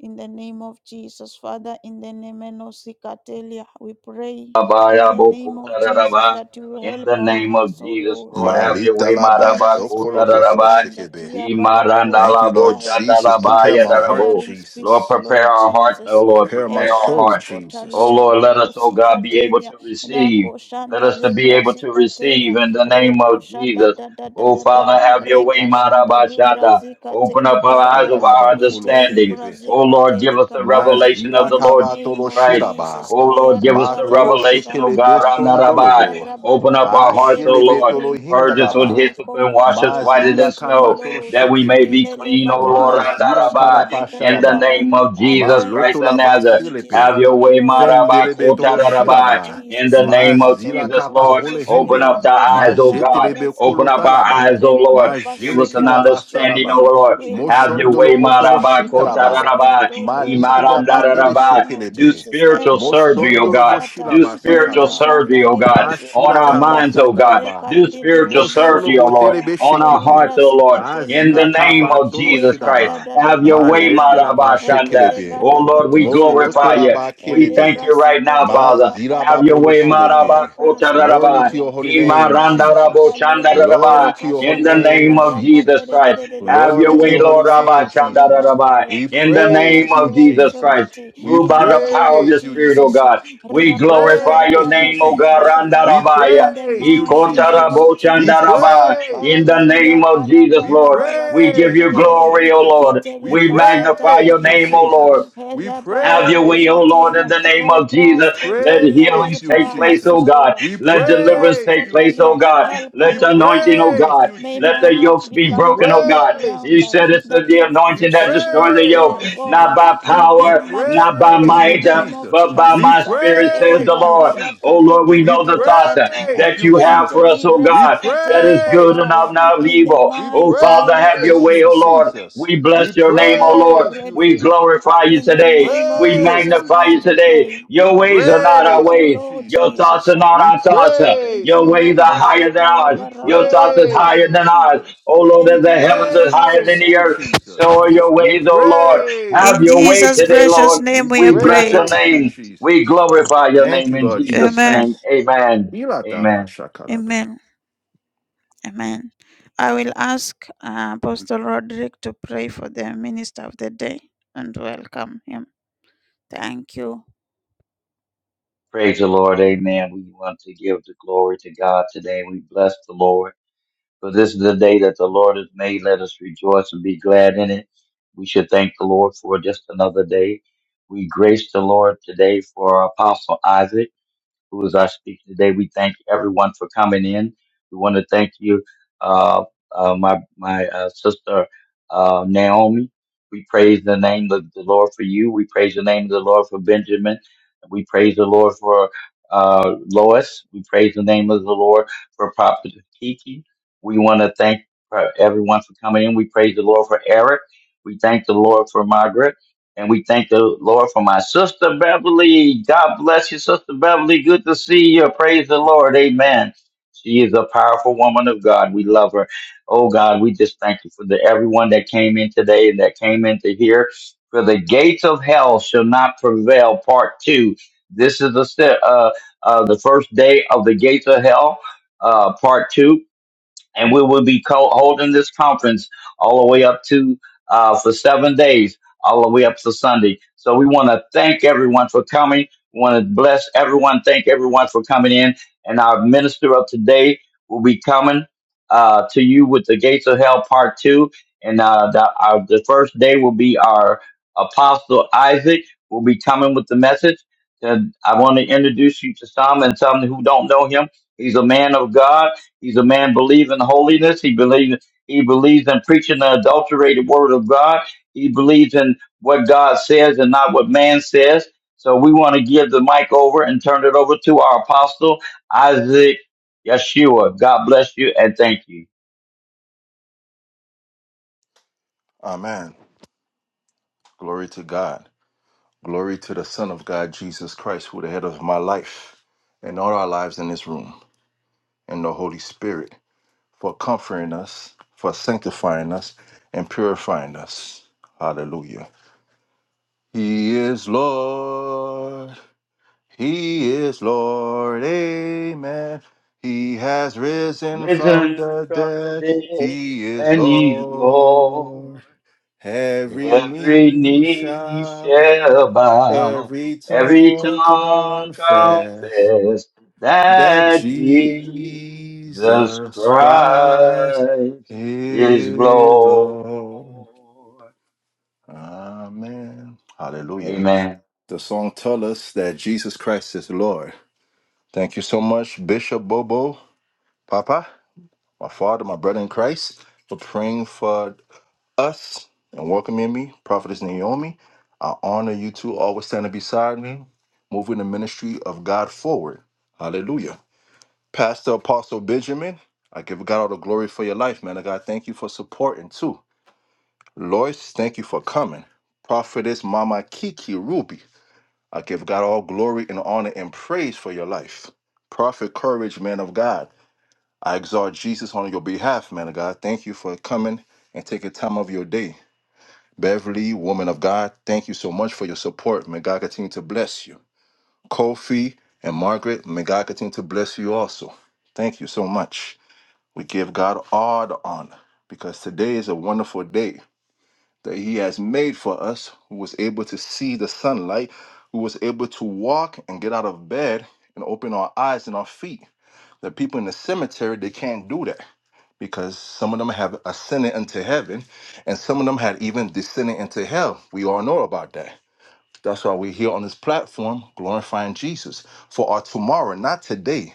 S2: In the name of Jesus, Father, in the name of Sikatelia, we pray in
S3: Abaya
S2: the name of
S3: Bokota
S2: Jesus that you will
S3: In the
S2: help our
S3: name of
S2: hearts, O
S3: Jesus,
S2: Lord.
S3: Lord, have your
S1: Malita
S3: way,
S1: la
S2: In
S1: ba
S3: Maraba
S2: Jesus'
S3: Kota
S1: shokolo
S2: precious
S1: boto lo
S3: Raraba.
S2: name, that
S1: shekebe.
S2: Yabarako
S1: Thank you,
S3: Bo
S1: Lord
S2: Shataya,
S1: Jesus.
S3: Boshandala
S2: give
S1: Prepare
S3: Baya
S2: us a
S1: my heart,
S3: Rarabo.
S2: bearing
S3: Lord,
S2: spirit,
S1: Jesus.
S3: prepare
S2: Lord
S3: our heart,
S2: Jesus.
S3: oh Lord,
S1: Prepare my
S3: prepare
S2: El
S3: our
S1: soul,
S3: hearts.
S2: Brasco
S3: Oh
S1: Jesus.
S2: Talia
S3: Lord, let us, oh
S2: Barosi
S3: God, be able
S2: Catelia,
S3: to
S2: La
S3: receive. Let
S2: Koshanta
S3: us to be
S2: Libra
S3: able to receive
S2: Zicatelia,
S3: in the name
S2: reko
S3: of
S2: Shada
S3: Jesus.
S2: da da da
S3: Oh
S2: da da,
S3: Father, have your way,
S2: reka Shanta
S3: Maraba
S2: Libra
S3: Shanda. Open
S2: Zicateli
S3: up our eyes
S1: Afanda
S3: of
S2: kapaya,
S1: la
S3: our
S1: ba kolo
S2: Inte
S3: understanding.
S2: Libra
S1: shekebe.
S3: Oh Lord, give
S2: Zicateli
S3: us the
S2: kapaya.
S3: revelation of
S1: Mazila
S3: the
S2: in the
S3: Lord
S2: name
S3: Jesus
S1: kabatolo
S2: of
S3: Christ.
S1: shiraba.
S2: Jesus,
S3: Oh
S2: Kaya
S3: Lord, give us the
S1: Matolo
S2: Rabarako
S3: revelation, oh
S1: shekelebe
S3: God,
S2: Shantaya,
S3: Ranarabai.
S2: reka
S1: sondolobo.
S3: Open up
S2: Rabaraka
S3: our
S2: de de
S3: hearts, oh
S2: de
S4: Mhm.
S1: Ashelebe
S2: de
S3: Lord.
S2: de.
S1: tolo
S3: Purge us with
S2: Father,
S1: hindalaba.
S2: we
S3: hyssop and
S2: commit
S3: wash us
S2: our
S3: whiter than
S2: hearts
S1: Mazila
S2: to you,
S3: snow,
S1: kabatolo
S2: Lord.
S3: that we may
S1: shekebe.
S3: be
S2: Inele
S3: clean, O Lord,
S1: Mazila
S2: barabarakasha da
S3: Andarabai.
S2: da da
S3: In
S2: da
S3: the
S2: da
S1: kalabasharaba.
S2: da.
S3: name of Jesus
S2: Align
S3: Christ
S2: us
S3: of
S2: to
S1: Malotolaba
S2: that
S3: Nazareth,
S2: which is
S1: selepe.
S3: have
S2: your
S3: your
S2: will,
S3: way,
S2: Lord.
S3: Marabai,
S1: Fendelebe
S2: In the
S1: tolo
S2: name of
S3: Kotarabai.
S1: shiraba.
S3: In
S2: Jesus,
S3: the name
S2: that
S3: of
S2: oh
S1: Mazila
S3: Jesus,
S1: kapa
S2: Lord
S3: Lord,
S1: hole
S2: Jesus, we
S3: open
S1: hende.
S3: up the
S2: rako
S3: eyes, O
S2: shanta
S3: God.
S1: Majetelebe
S3: Open up
S2: ribraskita.
S3: our
S1: kolotalaba.
S3: eyes,
S2: We'll
S3: O
S2: able
S3: Lord.
S2: to
S3: Give us
S2: perceive
S3: an
S2: that
S1: Majelekelaba
S2: which you are
S3: understanding, O
S2: doing.
S1: salaba.
S3: Lord.
S2: We'll
S3: Have
S2: able
S3: your
S2: to
S3: way,
S1: Moshondolobo tolo
S3: Marabai,
S2: understand by your
S1: shikalaba.
S2: spirit,
S3: Kotarabai.
S2: oh Lord.
S1: Malisi la
S2: In the
S1: batele
S3: Imarandarabai.
S2: name of
S3: Do
S1: shekelebe.
S2: Jesus,
S3: spiritual
S2: help us,
S3: surgery, oh
S2: loko
S1: Mosondolo
S3: God.
S2: shata
S1: boshila
S3: Do spiritual
S2: reka
S1: basakaba.
S3: surgery,
S2: shanta
S3: oh God,
S2: libra
S3: on
S1: Mashila
S3: our
S2: zikatelia.
S3: minds, oh God.
S1: kabasatraba.
S3: Do
S2: Rekardi de
S3: spiritual
S2: debo
S1: Mosholo
S3: surgery, oh Lord,
S1: botere
S2: shataya.
S3: on our
S1: beshekebe.
S3: hearts, oh
S2: Elibrasika
S3: Lord. In the
S1: Azila
S3: name
S2: telikapaya.
S1: kaba
S3: of
S1: tolo
S3: Jesus Christ,
S2: Rekarda
S1: shidaba.
S2: da da
S3: have
S2: da
S3: your
S2: da
S3: way,
S2: da da
S1: Malete
S2: da.
S1: la ba
S3: Marabashanda.
S2: Etele
S1: shekelebe.
S3: Oh Lord, we
S2: barakato
S1: Moloto
S3: glorify
S1: la
S2: shataya.
S3: you.
S1: ba
S3: We thank
S1: kelebe.
S3: you right
S2: Elibrasika
S3: now, Father.
S1: Mazila ba
S3: Have
S2: telikapaya.
S3: your
S1: polo
S3: way,
S2: Father
S1: shidebe.
S2: help us
S1: Glory
S3: Marabakotarabah.
S1: to your
S2: kotalia.
S1: holy
S2: Help
S1: name,
S2: us
S1: Jesus.
S2: kotalia.
S1: Glory
S3: Imarandaraboshandarabah.
S1: to your
S3: In
S1: holy
S3: the
S2: Rekashada la
S3: name
S1: name,
S3: of Jesus
S2: barakate de
S1: Jesus.
S2: de
S3: Christ.
S2: de de de.
S3: Have your
S1: Glory to
S3: way,
S1: your holy
S3: Lord Rabbi
S1: name,
S2: Elebrasika
S1: Jesus.
S3: Shandarabai.
S2: telikapaya.
S1: We
S3: In the
S2: Father
S3: name
S2: help
S1: praise you,
S3: of
S2: our
S3: Jesus Christ.
S1: Jesus.
S2: infirmity
S1: We
S3: Move
S2: in
S3: by
S2: the
S3: the
S2: name
S3: power of
S2: of
S3: your
S1: praise you,
S3: spirit, O
S2: Jesus.
S1: Jesus.
S3: God.
S1: We
S3: We glorify
S2: Rakashada
S3: your
S2: da
S1: praise you,
S2: da
S3: name,
S2: da
S3: O
S2: da
S3: God.
S2: da
S1: Jesus.
S2: da da
S1: We
S2: in
S3: Randarabaya.
S2: the
S1: praise you,
S2: mighty name
S1: Jesus.
S2: of
S1: We
S2: Jesus. Uh,
S3: Ikotaraboshandaraba.
S1: praise
S3: In
S1: you,
S3: the
S2: Father, we are
S3: name of
S1: Jesus.
S3: Jesus,
S1: We
S3: Lord. We give
S1: praise
S3: you
S1: you,
S2: karabarabarakaterererere,
S3: glory, O
S1: Jesus.
S3: Lord.
S1: We
S3: We
S2: itelika shata
S3: magnify
S1: praise
S3: your
S1: you,
S2: libra
S3: name, O
S2: zika,
S1: Jesus.
S3: Lord.
S1: We
S3: Have your
S2: herabaroko
S3: way,
S1: praise
S3: O
S1: you,
S3: Lord, in
S2: shatelia,
S3: the name
S2: oh
S1: Jesus.
S3: of
S1: We
S3: Jesus. Let
S2: praskotalia,
S1: praise
S3: healings
S2: help
S1: you,
S3: take
S2: our
S3: place,
S2: hearts,
S3: O
S1: Jesus.
S2: Lord.
S3: God.
S1: We
S3: Let
S2: Help
S3: deliverance
S1: praise
S3: take
S1: you,
S3: place, O
S2: praskotalia,
S1: Jesus.
S3: God.
S2: help
S3: Let
S1: We
S3: the
S2: our hearts,
S3: anointing, O
S2: Lord.
S1: praise
S3: God.
S1: you,
S2: May
S3: Let
S2: my
S3: the
S1: Jesus.
S2: heart
S3: yokes be
S1: We
S2: become
S3: broken,
S2: the
S3: O
S2: good
S3: God.
S1: praise
S3: You
S2: ground
S1: you,
S2: uh,
S3: said it's the
S1: Jesus.
S2: that
S3: the
S2: your
S1: We
S2: f-
S3: anointing that
S2: seed will
S3: destroys the
S1: praise
S3: yoke,
S2: fa-
S1: you,
S2: fall
S3: not
S2: uh,
S3: by
S1: Jesus.
S2: and
S1: We
S2: bear
S3: power,
S2: much
S3: not
S2: fruit
S3: by
S2: in
S1: praise
S2: the
S1: you,
S3: might, uh,
S2: name of
S1: Jesus.
S3: but by
S1: We
S3: my
S2: Jesus. uh,
S3: spirit, says
S2: E
S3: the
S1: praise you,
S3: Lord. Oh
S1: Jesus.
S2: rabaraka de
S3: Lord,
S2: de
S3: we
S1: We
S2: de
S3: know the
S2: do
S3: thoughts that
S2: shataya.
S1: praise
S3: that
S1: you,
S3: you have
S2: Inte
S3: for
S1: Jesus.
S3: us, oh
S2: libra
S1: We
S3: God, that
S2: zikateli
S3: is good
S1: praise
S3: and
S1: you,
S2: kapaya.
S3: not not of
S1: Jesus.
S2: In the
S3: evil.
S1: We
S3: Oh
S2: mighty
S3: Father,
S2: name of
S3: have your
S1: praise
S3: way,
S1: you,
S3: oh
S2: Jesus.
S3: Lord.
S1: Jesus.
S3: We
S1: We
S3: bless your name, oh
S2: Father, we are
S3: Lord.
S1: praise you,
S3: We
S2: grateful.
S1: Jesus.
S3: glorify you
S2: In
S1: We
S2: the
S3: today.
S2: name of
S3: We
S1: praise
S2: Jesus
S1: you,
S3: magnify
S2: Christ,
S3: you
S2: we
S1: Jesus.
S3: today.
S2: pray.
S1: We
S3: Your ways are not our
S2: Thank
S1: praise
S2: you,
S1: you,
S3: ways.
S2: Lord
S3: Your
S1: Jesus.
S3: thoughts
S2: Jesus.
S3: are not
S1: We
S3: our thoughts. uh,
S2: Thank
S1: praise
S3: Your
S2: you,
S1: you,
S3: ways
S2: Lord
S3: are
S1: Jesus.
S3: higher
S2: Koshata
S3: than ours.
S1: We
S3: Your
S2: Labaraka. de
S3: thoughts are
S2: de de de
S1: praise
S3: higher
S2: de.
S1: you,
S3: than ours.
S1: Jesus.
S3: Oh Lord,
S1: We
S3: as
S2: Thank
S3: the
S2: you, Lord
S3: heavens is higher than
S2: Jesus.
S1: praise
S3: the
S1: you,
S3: earth,
S1: Jesus.
S3: so are your
S1: We
S3: ways, Oh Lord.
S1: praise
S3: Have
S2: In
S1: you,
S3: your way
S2: Jesus'
S3: today,
S1: Jesus.
S2: precious
S3: Lord.
S1: We
S2: name we
S3: We
S2: have
S3: bless your
S2: prayed.
S1: praise you,
S3: name. We
S1: Jesus.
S3: glorify your
S1: Thank
S3: name
S1: you,
S3: in
S1: Lord
S3: Jesus'
S2: Amen.
S3: name.
S1: Jesus.
S3: Amen. Amen.
S1: Ilatabashakalaba.
S2: Amen. Amen. I will ask uh, Apostle Roderick to pray for the minister of the day and welcome him. Thank you.
S3: Praise the Lord. Amen. We want to give the glory to God today. We bless the Lord. For this is the day that the Lord has made. Let us rejoice and be glad in it. We should thank the Lord for just another day. We grace the Lord today for our Apostle Isaac who was our speaker today. We thank everyone for coming in. We want to thank you, uh, uh, my my uh, sister uh, Naomi. We praise the name of the Lord for you. We praise the name of the Lord for Benjamin. We praise the Lord for uh, Lois. We praise the name of the Lord for Prophet Kiki. We want to thank uh, everyone for coming in. We praise the Lord for Eric. We thank the Lord for Margaret. And we thank the Lord for my sister Beverly. God bless you, sister Beverly. Good to see you. Praise the Lord. Amen. She is a powerful woman of God. We love her. Oh God, we just thank you for the everyone that came in today and that came in to hear. For the gates of hell shall not prevail. Part two. This is the se- uh, uh, the first day of the gates of hell. Uh, part two and we will be co- holding this conference all the way up to uh, for seven days, all the way up to Sunday. So we want to thank everyone for coming. We want to bless everyone. Thank everyone for coming in. And our minister of today will be coming uh, to you with the Gates of Hell Part Two. And uh, the, our, the first day will be our Apostle Isaac will be coming with the message. And I want to introduce you to some and some who don't know him. He's a man of God. He's a man believing holiness. He believes he believes in preaching the adulterated word of God. He believes in what God says and not what man says. So we want to give the mic over and turn it over to our apostle Isaac Yeshua. God bless you and thank you.
S1: Amen. Glory to God. Glory to the Son of God, Jesus Christ, who the head of my life and all our lives in this room, and the Holy Spirit for comforting us, for sanctifying us, and purifying us. Hallelujah. He is Lord. He is Lord, amen. He has risen from
S3: Risen
S1: the
S3: from the
S1: dead.
S3: dead,
S1: He is
S3: and he's
S1: Lord.
S3: Lord.
S1: Every
S3: Every
S1: knee
S3: knee
S1: shall bow,
S3: shall bow,
S1: every
S3: every
S1: tongue
S3: tongue
S1: confess
S3: confess
S1: that
S3: that Jesus
S1: Jesus Christ
S3: Christ is
S1: is Lord.
S3: Lord.
S1: Amen. Hallelujah.
S3: Amen.
S1: The song tells us that Jesus Christ is Lord. Thank you so much, Bishop Bobo, Papa, my father, my brother in Christ, for praying for us and welcoming me, Prophetess Naomi. I honor you two, always standing beside me, moving the ministry of God forward. Hallelujah. Pastor Apostle Benjamin, I give God all the glory for your life, man. of God, thank you for supporting too. Lois, thank you for coming. Prophetess Mama Kiki Ruby, I give God all glory and honor and praise for your life. Prophet Courage, man of God. I exalt Jesus on your behalf, man of God. Thank you for coming and taking time of your day. Beverly, woman of God, thank you so much for your support. May God continue to bless you. Kofi and Margaret, may God continue to bless you also. Thank you so much. We give God all the honor because today is a wonderful day that He has made for us who was able to see the sunlight, who was able to walk and get out of bed and open our eyes and our feet. The people in the cemetery, they can't do that because some of them have ascended into heaven and some of them had even descended into hell. We all know about that. That's why we're here on this platform glorifying Jesus for our tomorrow, not today.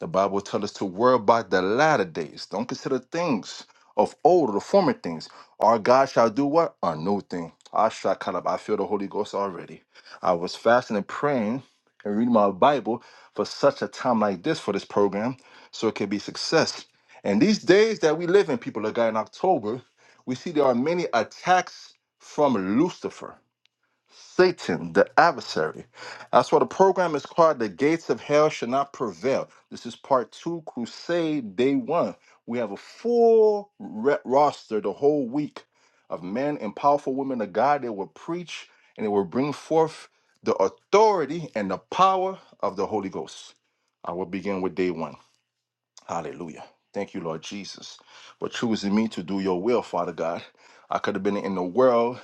S1: The Bible tells us to worry about the latter days. Don't consider things of old or the former things. Our God shall do what? A new thing. I shall caught up. I feel the Holy Ghost already. I was fasting and praying and reading my Bible for such a time like this for this program so it can be success. And these days that we live in, people of God, in October, we see there are many attacks from Lucifer. Satan, the adversary. That's why the program is called The Gates of Hell Shall Not Prevail. This is part two, Crusade Day One. We have a full re- roster the whole week of men and powerful women of God that will preach and it will bring forth the authority and the power of the Holy Ghost. I will begin with day one. Hallelujah. Thank you, Lord Jesus, for choosing me to do your will, Father God. I could have been in the world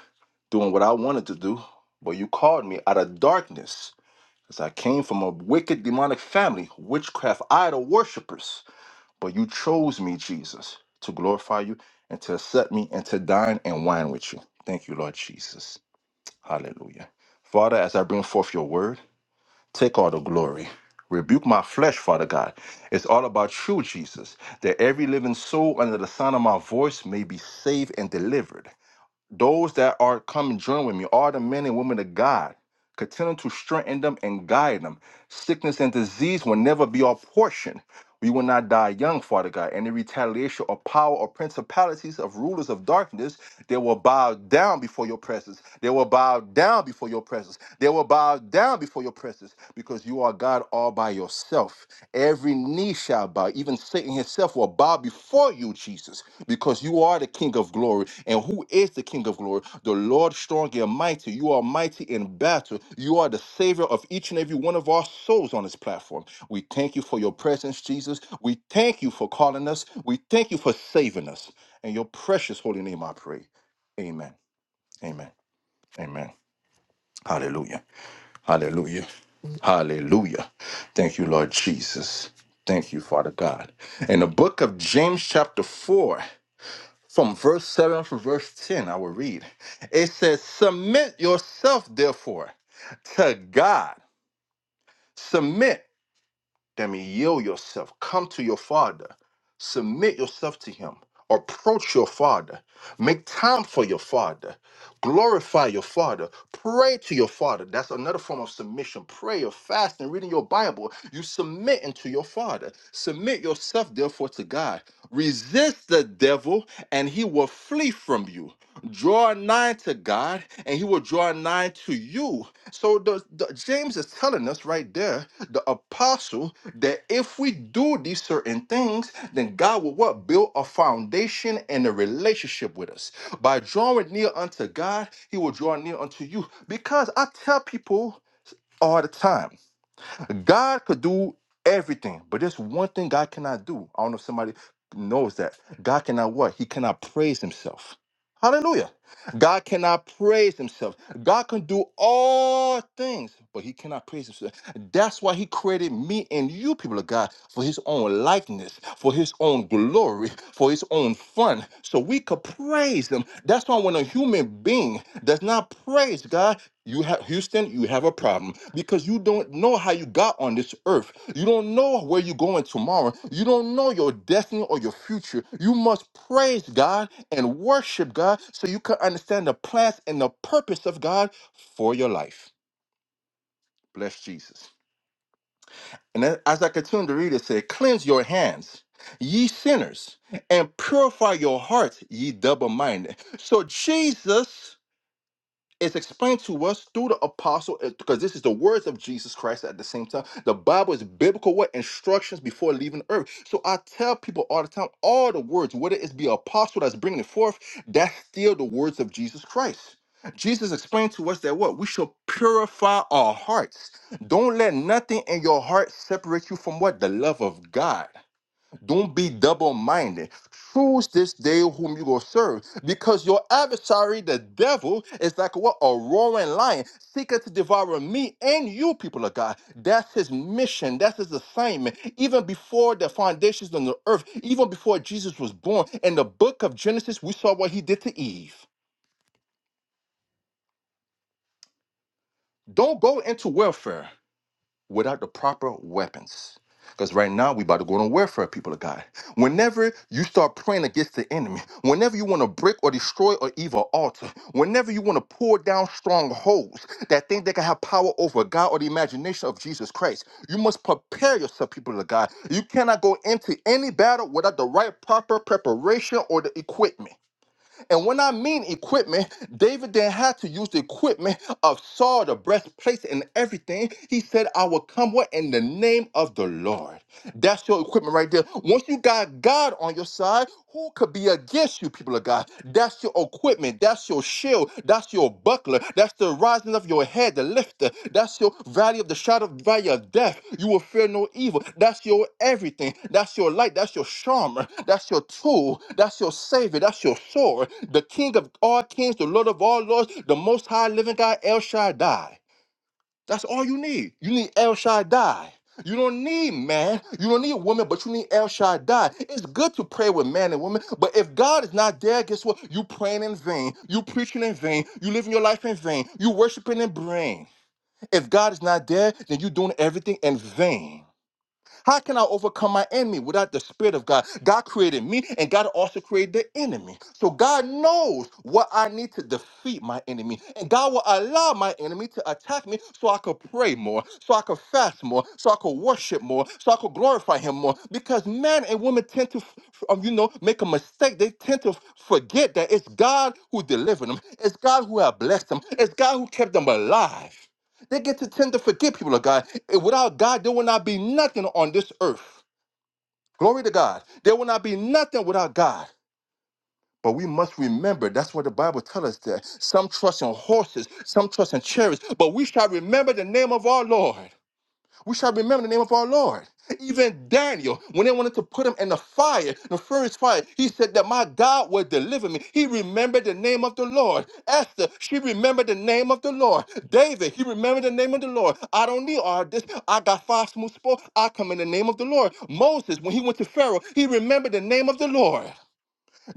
S1: doing what I wanted to do, but you called me out of darkness, as I came from a wicked demonic family, witchcraft idol worshippers. But you chose me, Jesus, to glorify you and to accept me and to dine and wine with you. Thank you, Lord Jesus. Hallelujah. Father, as I bring forth your word, take all the glory. Rebuke my flesh, Father God. It's all about you, Jesus, that every living soul under the sound of my voice may be saved and delivered. Those that are coming join with me, all the men and women of God, continue to strengthen them and guide them. Sickness and disease will never be our portion. We will not die young, Father God. Any retaliation or power or principalities of rulers of darkness, they will bow down before your presence. They will bow down before your presence. They will bow down before your presence because you are God all by yourself. Every knee shall bow. Even Satan himself will bow before you, Jesus, because you are the King of glory. And who is the King of glory? The Lord strong and mighty. You are mighty in battle. You are the Savior of each and every one of our souls on this platform. We thank you for your presence, Jesus. We thank you for calling us. We thank you for saving us. In your precious holy name, I pray. Amen. Amen. Amen. Hallelujah. Hallelujah. Hallelujah. Thank you, Lord Jesus. Thank you, Father God. In the book of James, chapter 4. From verse 7 to verse 10, I will read. It says, Submit yourself, therefore, to God. Submit that means yield yourself, come to your Father, submit yourself to Him, approach your Father, make time for your Father, glorify your Father, pray to your Father. That's another form of submission. Prayer, fasting, reading your Bible. You submit into your Father. Submit yourself, therefore, to God. Resist the devil, and he will flee from you. Draw nigh to God, and he will draw nigh I to you. So the, the- James is telling us right there, the apostle, that if we do these certain things, then God will what build a foundation and a relationship with us. By drawing near unto God, He will draw near unto you. Because I tell people all the time. God could do everything, but there's one thing God cannot do. I don't know if somebody knows that. God cannot what? He cannot praise himself. Hallelujah. God cannot praise himself. God can do all things, but he cannot praise himself. That's why he created me and you, people of God, for his own likeness, for his own glory, for his own fun, so we could praise him. That's why when a human being does not Praise God. You have Houston, you have a problem because you don't know how you got on this earth. You don't know where you're going tomorrow. You don't know your destiny or your future. You must praise God and worship God so you can understand the plans and the purpose of God for your life. Bless Jesus. And then as I continue to read, it said, Cleanse your hands, ye sinners, and purify your hearts, ye double minded. So, Jesus. it's explained to us through the apostle uh, because this is the words of Jesus Christ at the same time. The Bible is biblical what instructions before leaving earth. So I tell people all the time, all the words, whether it's be apostle that's bringing it forth, that's still the words of Jesus Christ. Jesus explained to us that what we should purify our hearts. Don't let nothing in your heart separate you from what the love of God. Don't be double minded. Choose this day whom you will serve, because your adversary, the devil, is like what a roaring lion, seeking to devour me and you, people of God. That's his mission. That's his assignment. Even before the foundations on the earth, even before Jesus was born, in the book of Genesis, we saw what he did to Eve. Don't go into warfare. without the proper weapons. Because right now we about to go on warfare, people of God. Whenever you start praying against the enemy, whenever you want to break or destroy or evil altar, whenever you want to pull down strongholds that think they can have power over God or the imagination of Jesus Christ, you must prepare yourself, people of God. You cannot go into any battle without the right proper preparation or the equipment. And when I mean equipment, David then had to use the equipment of Saul, the breastplate and everything. He said, I will come what in the name of the Lord. That's your equipment right there. Once you got God on your side, who could be against you, people of God? That's your equipment. That's your shield. That's your your buckler. That's the rising of your head, the lifter. That's your valley of the shadow, valley of death. You will fear no evil. That's your everything. That's your light. That's your charmer. That's your tool. That's your savior. That's your sword. The King of all kings, the Lord of all lords, the Most High Living God, El Shaddai. That's all you need. You need El Shaddai. You don't need man. You don't need woman, but you need El Shaddai. It's good to pray with man and woman, but if God is not there, guess what? You praying in vain. You preaching in vain. You living your life in vain. You worshiping in vain. If God is not there, then you doing everything in vain. How can I overcome my enemy without the Spirit of God? God created me and God also created the enemy. So God knows what I need to defeat my enemy. And God will allow my enemy to attack me so I could pray more, so I could fast more, so I could worship more, so I could glorify Him more. Because men and women tend to, f- f- um, you know, make a mistake. They tend to forget that it's God who delivered them, it's God who had blessed them, it's God who kept them alive. They get to tend to forget people of God. And Without God, there will not be nothing on this earth. Glory to God. There will not be nothing without God. But we must remember, that's what the Bible tells us that some trust in horses, some trust in chariots, but we shall remember the name of our Lord. We shall remember the name of our Lord. Even Daniel, when they wanted to put him in the fire, the furnace fire, he said that my God will deliver me. He remembered the name of the Lord. Esther, she remembered the name of the Lord. David, he remembered the name of the Lord. I don't need all this. I got five smooth spoke. I come in the name of the Lord. Moses, when he went to Pharaoh, he remembered the name of the Lord.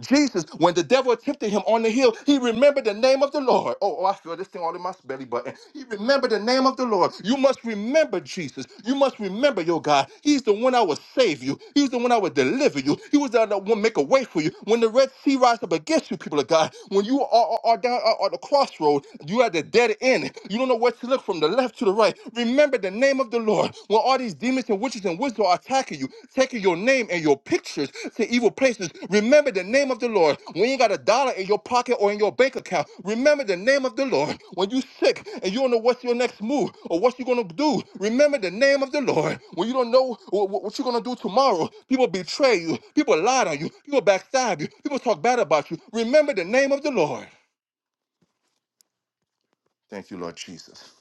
S1: Jesus, when the devil tempted him on the hill, he remembered the name of the Lord. Oh, oh, I feel this thing all in my belly button. He remembered the name of the Lord. You must remember Jesus. You must remember your God. He's the one I will save you. He's the one I will deliver you. He was the one that will make a way for you. When the Red Sea rises up against you, people of God, when you are, are, are down are, are the crossroad, you are at the dead end. You don't know where to look from the left to the right. Remember the name of the Lord when all these demons and witches and wizards are attacking you, taking your name and your pictures to evil places, remember the name of the Lord. When you ain't got a dollar in your pocket or in your bank account, remember the name of the Lord. When you sick and you don't know what's your next move or what you're gonna do, remember the name of the Lord. When you don't know wh- wh- what you're gonna do tomorrow, people betray you, people lied on you, people backstab you, people talk bad about you. Remember the name of the Lord. Thank you, Lord Jesus.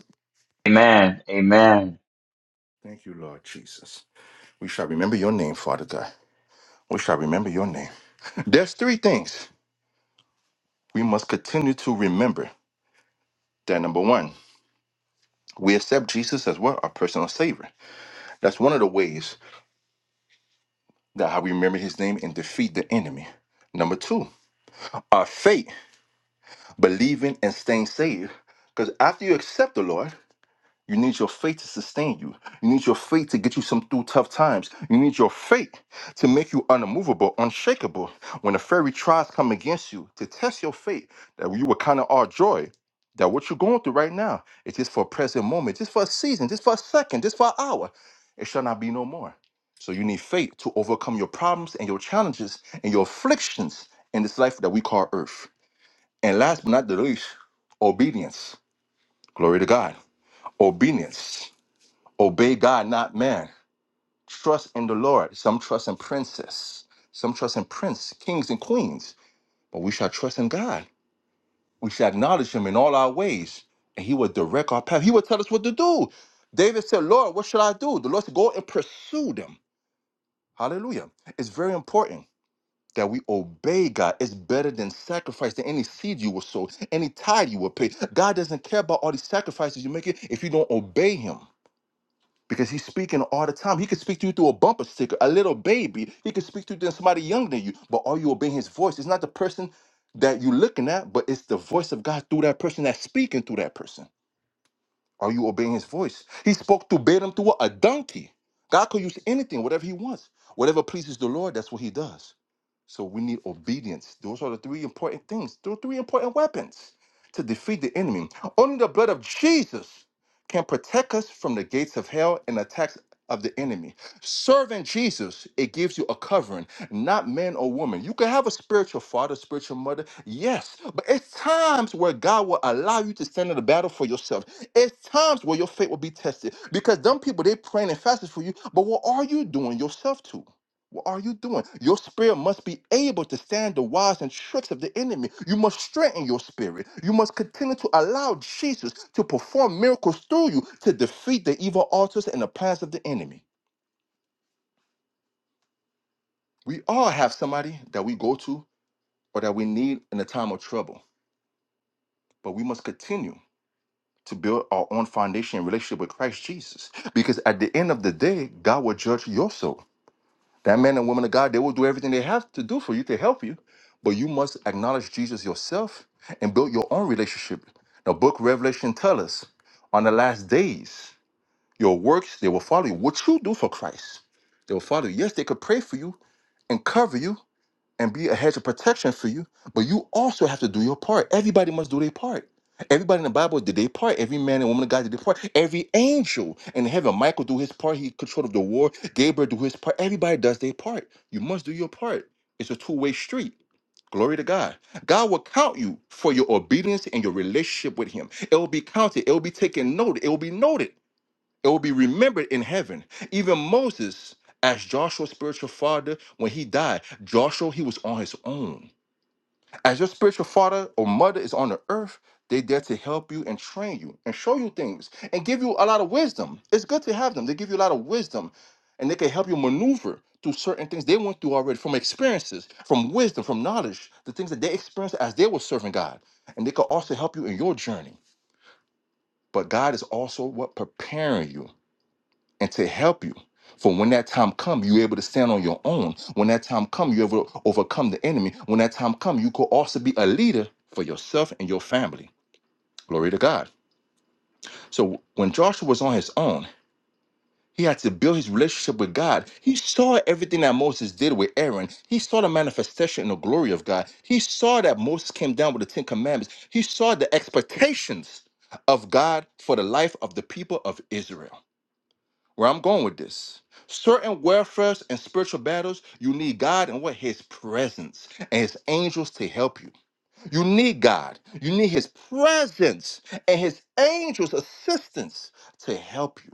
S3: Amen. Amen.
S1: Thank you, Lord Jesus. We shall remember your name, Father God. We shall remember your name. There's three things we must continue to remember. That number one, we accept Jesus as what our personal savior. That's one of the ways that how we remember his name and defeat the enemy. Number two, our faith, believing and staying saved. Because after you accept the Lord, You need your faith to sustain you. You need your faith to get you some through tough times. You need your faith to make you unmovable, unshakable. When the fairy tries come against you, to test your faith that you will kind of our joy. That what you're going through right now is just for a present moment, just for a season, just for a second, just for an hour. It shall not be no more. So you need faith to overcome your problems and your challenges and your afflictions in this life that we call earth. And last but not the least, obedience. Glory to God. Obedience. Obey God, not man. Trust in the Lord. Some trust in princes, some trust in prince, kings and queens. But we shall trust in God. We shall acknowledge Him in all our ways, and He will direct our path. He will tell us what to do. David said, Lord, what shall I do? The Lord said, Go and pursue them. Hallelujah. It's very important that we obey God. It's better than sacrifice, than any seed you will sow, any tithe you will pay. God doesn't care about all these sacrifices you make if you don't obey Him. because he's speaking all the time. He could speak to you through a bumper sticker, a little baby. He could speak to you through somebody younger than you. But are you obeying his voice? It's not the person that you're looking at, but it's the voice of God through that person that's speaking through that person. Are you obeying his voice? He spoke to Balaam through what? a donkey. God could use anything, whatever he wants. Whatever pleases the Lord, that's what he does. So we need obedience. Those are the three important things, Those three important weapons to defeat the enemy. Only the blood of Jesus can protect us from the gates of hell and attacks of the enemy. Serving Jesus, it gives you a covering, not man or woman. You can have a spiritual father, spiritual mother, yes, but it's times where God will allow you to stand in the battle for yourself. It's times where your faith will be tested because them people, they praying and fasting for you, but what are you doing yourself to? What are you doing? Your spirit must be able to stand the wiles and tricks of the enemy. You must strengthen your spirit. You must continue to allow Jesus to perform miracles through you to defeat the evil altars and the plans of the enemy. We all have somebody that we go to or that we need in a time of trouble, but we must continue to build our own foundation and relationship with Christ Jesus because at the end of the day, God will judge your soul. That man and woman of God, they will do everything they have to do for you to help you, but you must acknowledge Jesus yourself and build your own relationship. The book Revelation tell us on the last days, your works, they will follow you. What you do for Christ, they will follow you. Yes, they could pray for you and cover you, and be a hedge of protection for you, but you also have to do your part. Everybody must do their part. Everybody in the Bible did their part. Every man and woman of God did their part. Every angel in heaven, Michael do his part. He controlled the war. Gabriel do his part. Everybody does their part. You must do your part. It's a two-way street. Glory to God. God will count you for your obedience and your relationship with Him. It will be counted. It will be taken note. It will be noted. It will be remembered in heaven. Even Moses, as Joshua's spiritual father, when he died, Joshua, he was on his own. As your spiritual father or mother is on the earth, they are there to help you and train you and show you things and give you a lot of wisdom. It's good to have them. They give you a lot of wisdom and they can help you maneuver through certain things they went through already from experiences, from wisdom, from knowledge, the things that they experienced as they were serving God. And they can also help you in your journey. But God is also what preparing you and to help you. For when that time come, you're able to stand on your own. When that time come, you're able to overcome the enemy. When that time come, you could also be a leader for yourself and your family. Glory to God. So when Joshua was on his own, he had to build his relationship with God. He saw everything that Moses did with Aaron. He saw the manifestation and the glory of God. He saw that Moses came down with the Ten Commandments. He saw the expectations of God for the life of the people of Israel. where I'm going with this. Certain welfares and spiritual battles, you need God and what? His presence and His angels to help you. You need God. You need His presence and His angels' assistance to help you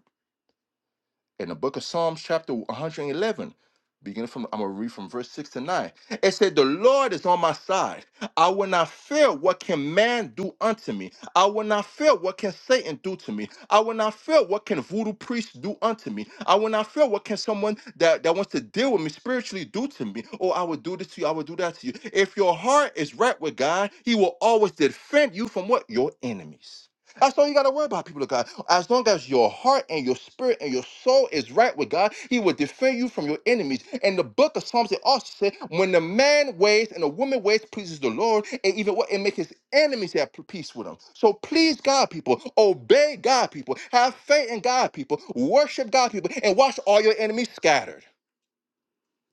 S1: in the book of Psalms, chapter 111, beginning from, I'm going to read from verse 6 to 9. It said, The Lord is on my side. I will not fear what can man do unto me. I will not fear what can Satan do to me. I will not fear what can voodoo priests do unto me. I will not fear what can someone that, that wants to deal with me spiritually do to me. Oh, I will do this to you. I will do that to you. If your heart is right with God, he will always defend you from what? Your enemies. That's all you got to worry about, people of God. As long as your heart and your spirit and your soul is right with God, He will defend you from your enemies. And the book of Psalms, it also said, when the man ways and the woman ways pleases the Lord, and even what it makes his enemies have peace with him. So please God, people, obey God, people, have faith in God, people, worship God, people, and watch all your enemies scattered.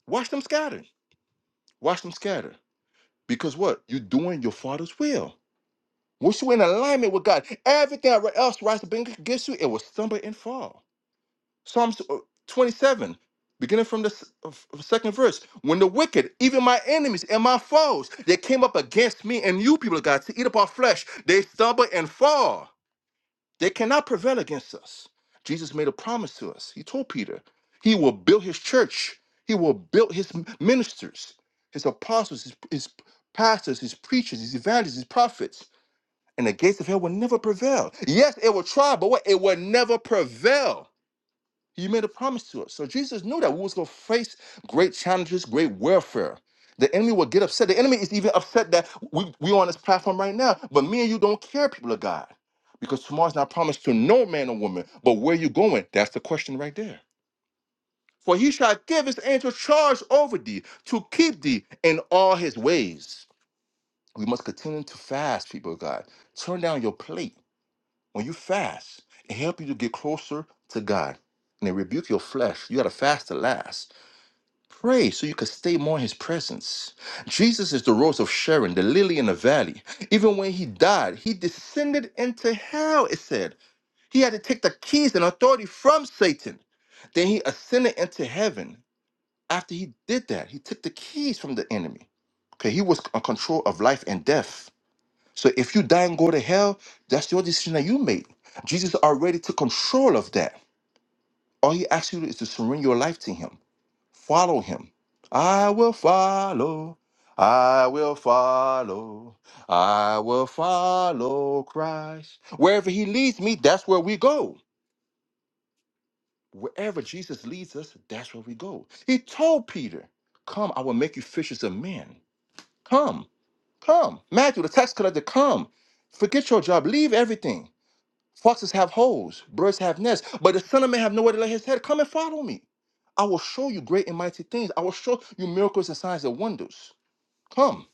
S1: Watch them scattered. Watch them scattered. Because what? You're doing your father's will. Once you're in alignment with God, everything else rises up against you, it will stumble and fall. Psalms uh, 27, beginning from the s- of- of second verse. When the wicked, even my enemies and my foes, they came up against me and you people of God to eat up our flesh, they stumble and fall. They cannot prevail against us. Jesus made a promise to us. He told Peter, He will build His church, He will build His m- ministers, His apostles, His, his pastors, His preachers, His evangelists, His prophets and the gates of hell will never prevail. Yes, it will try, but what? It will never prevail. He made a promise to us. So Jesus knew that we was going to face great challenges, great warfare. The enemy will get upset. The enemy is even upset that we we on this platform right now. But me and you don't care, people of God, because tomorrow's not promised to no man or woman. But where you going? That's the question right there. For he shall give his angel charge over thee to keep thee in all his ways. We must continue to fast, people of God. Turn down your plate when you fast, it helps you to get closer to God. And it rebuke your flesh. You gotta fast to last. Pray so you can stay more in his presence. Jesus is the rose of Sharon, the lily in the valley. Even when he died, he descended into hell, it said. He had to take the keys and authority from Satan. Then he ascended into heaven. After he did that, he took the keys from the enemy. Okay, he was in control of life and death. So if you die and go to hell, that's your decision that you made. Jesus already took control of that. All he asks you to do is to surrender your life to him. Follow him. I will follow. I will follow. I will follow Christ. Wherever he leads me, that's where we go. Wherever Jesus leads us, that's where we go. He told Peter, Come, I will make you fishers of men. Come, come. Matthew, the tax collector, come. Forget your job. Leave everything Foxes have holes, birds have nests, but the Son of Man have nowhere to lay his head. Come and follow me. I will show you great and mighty things. I will show you miracles and signs and wonders. Come,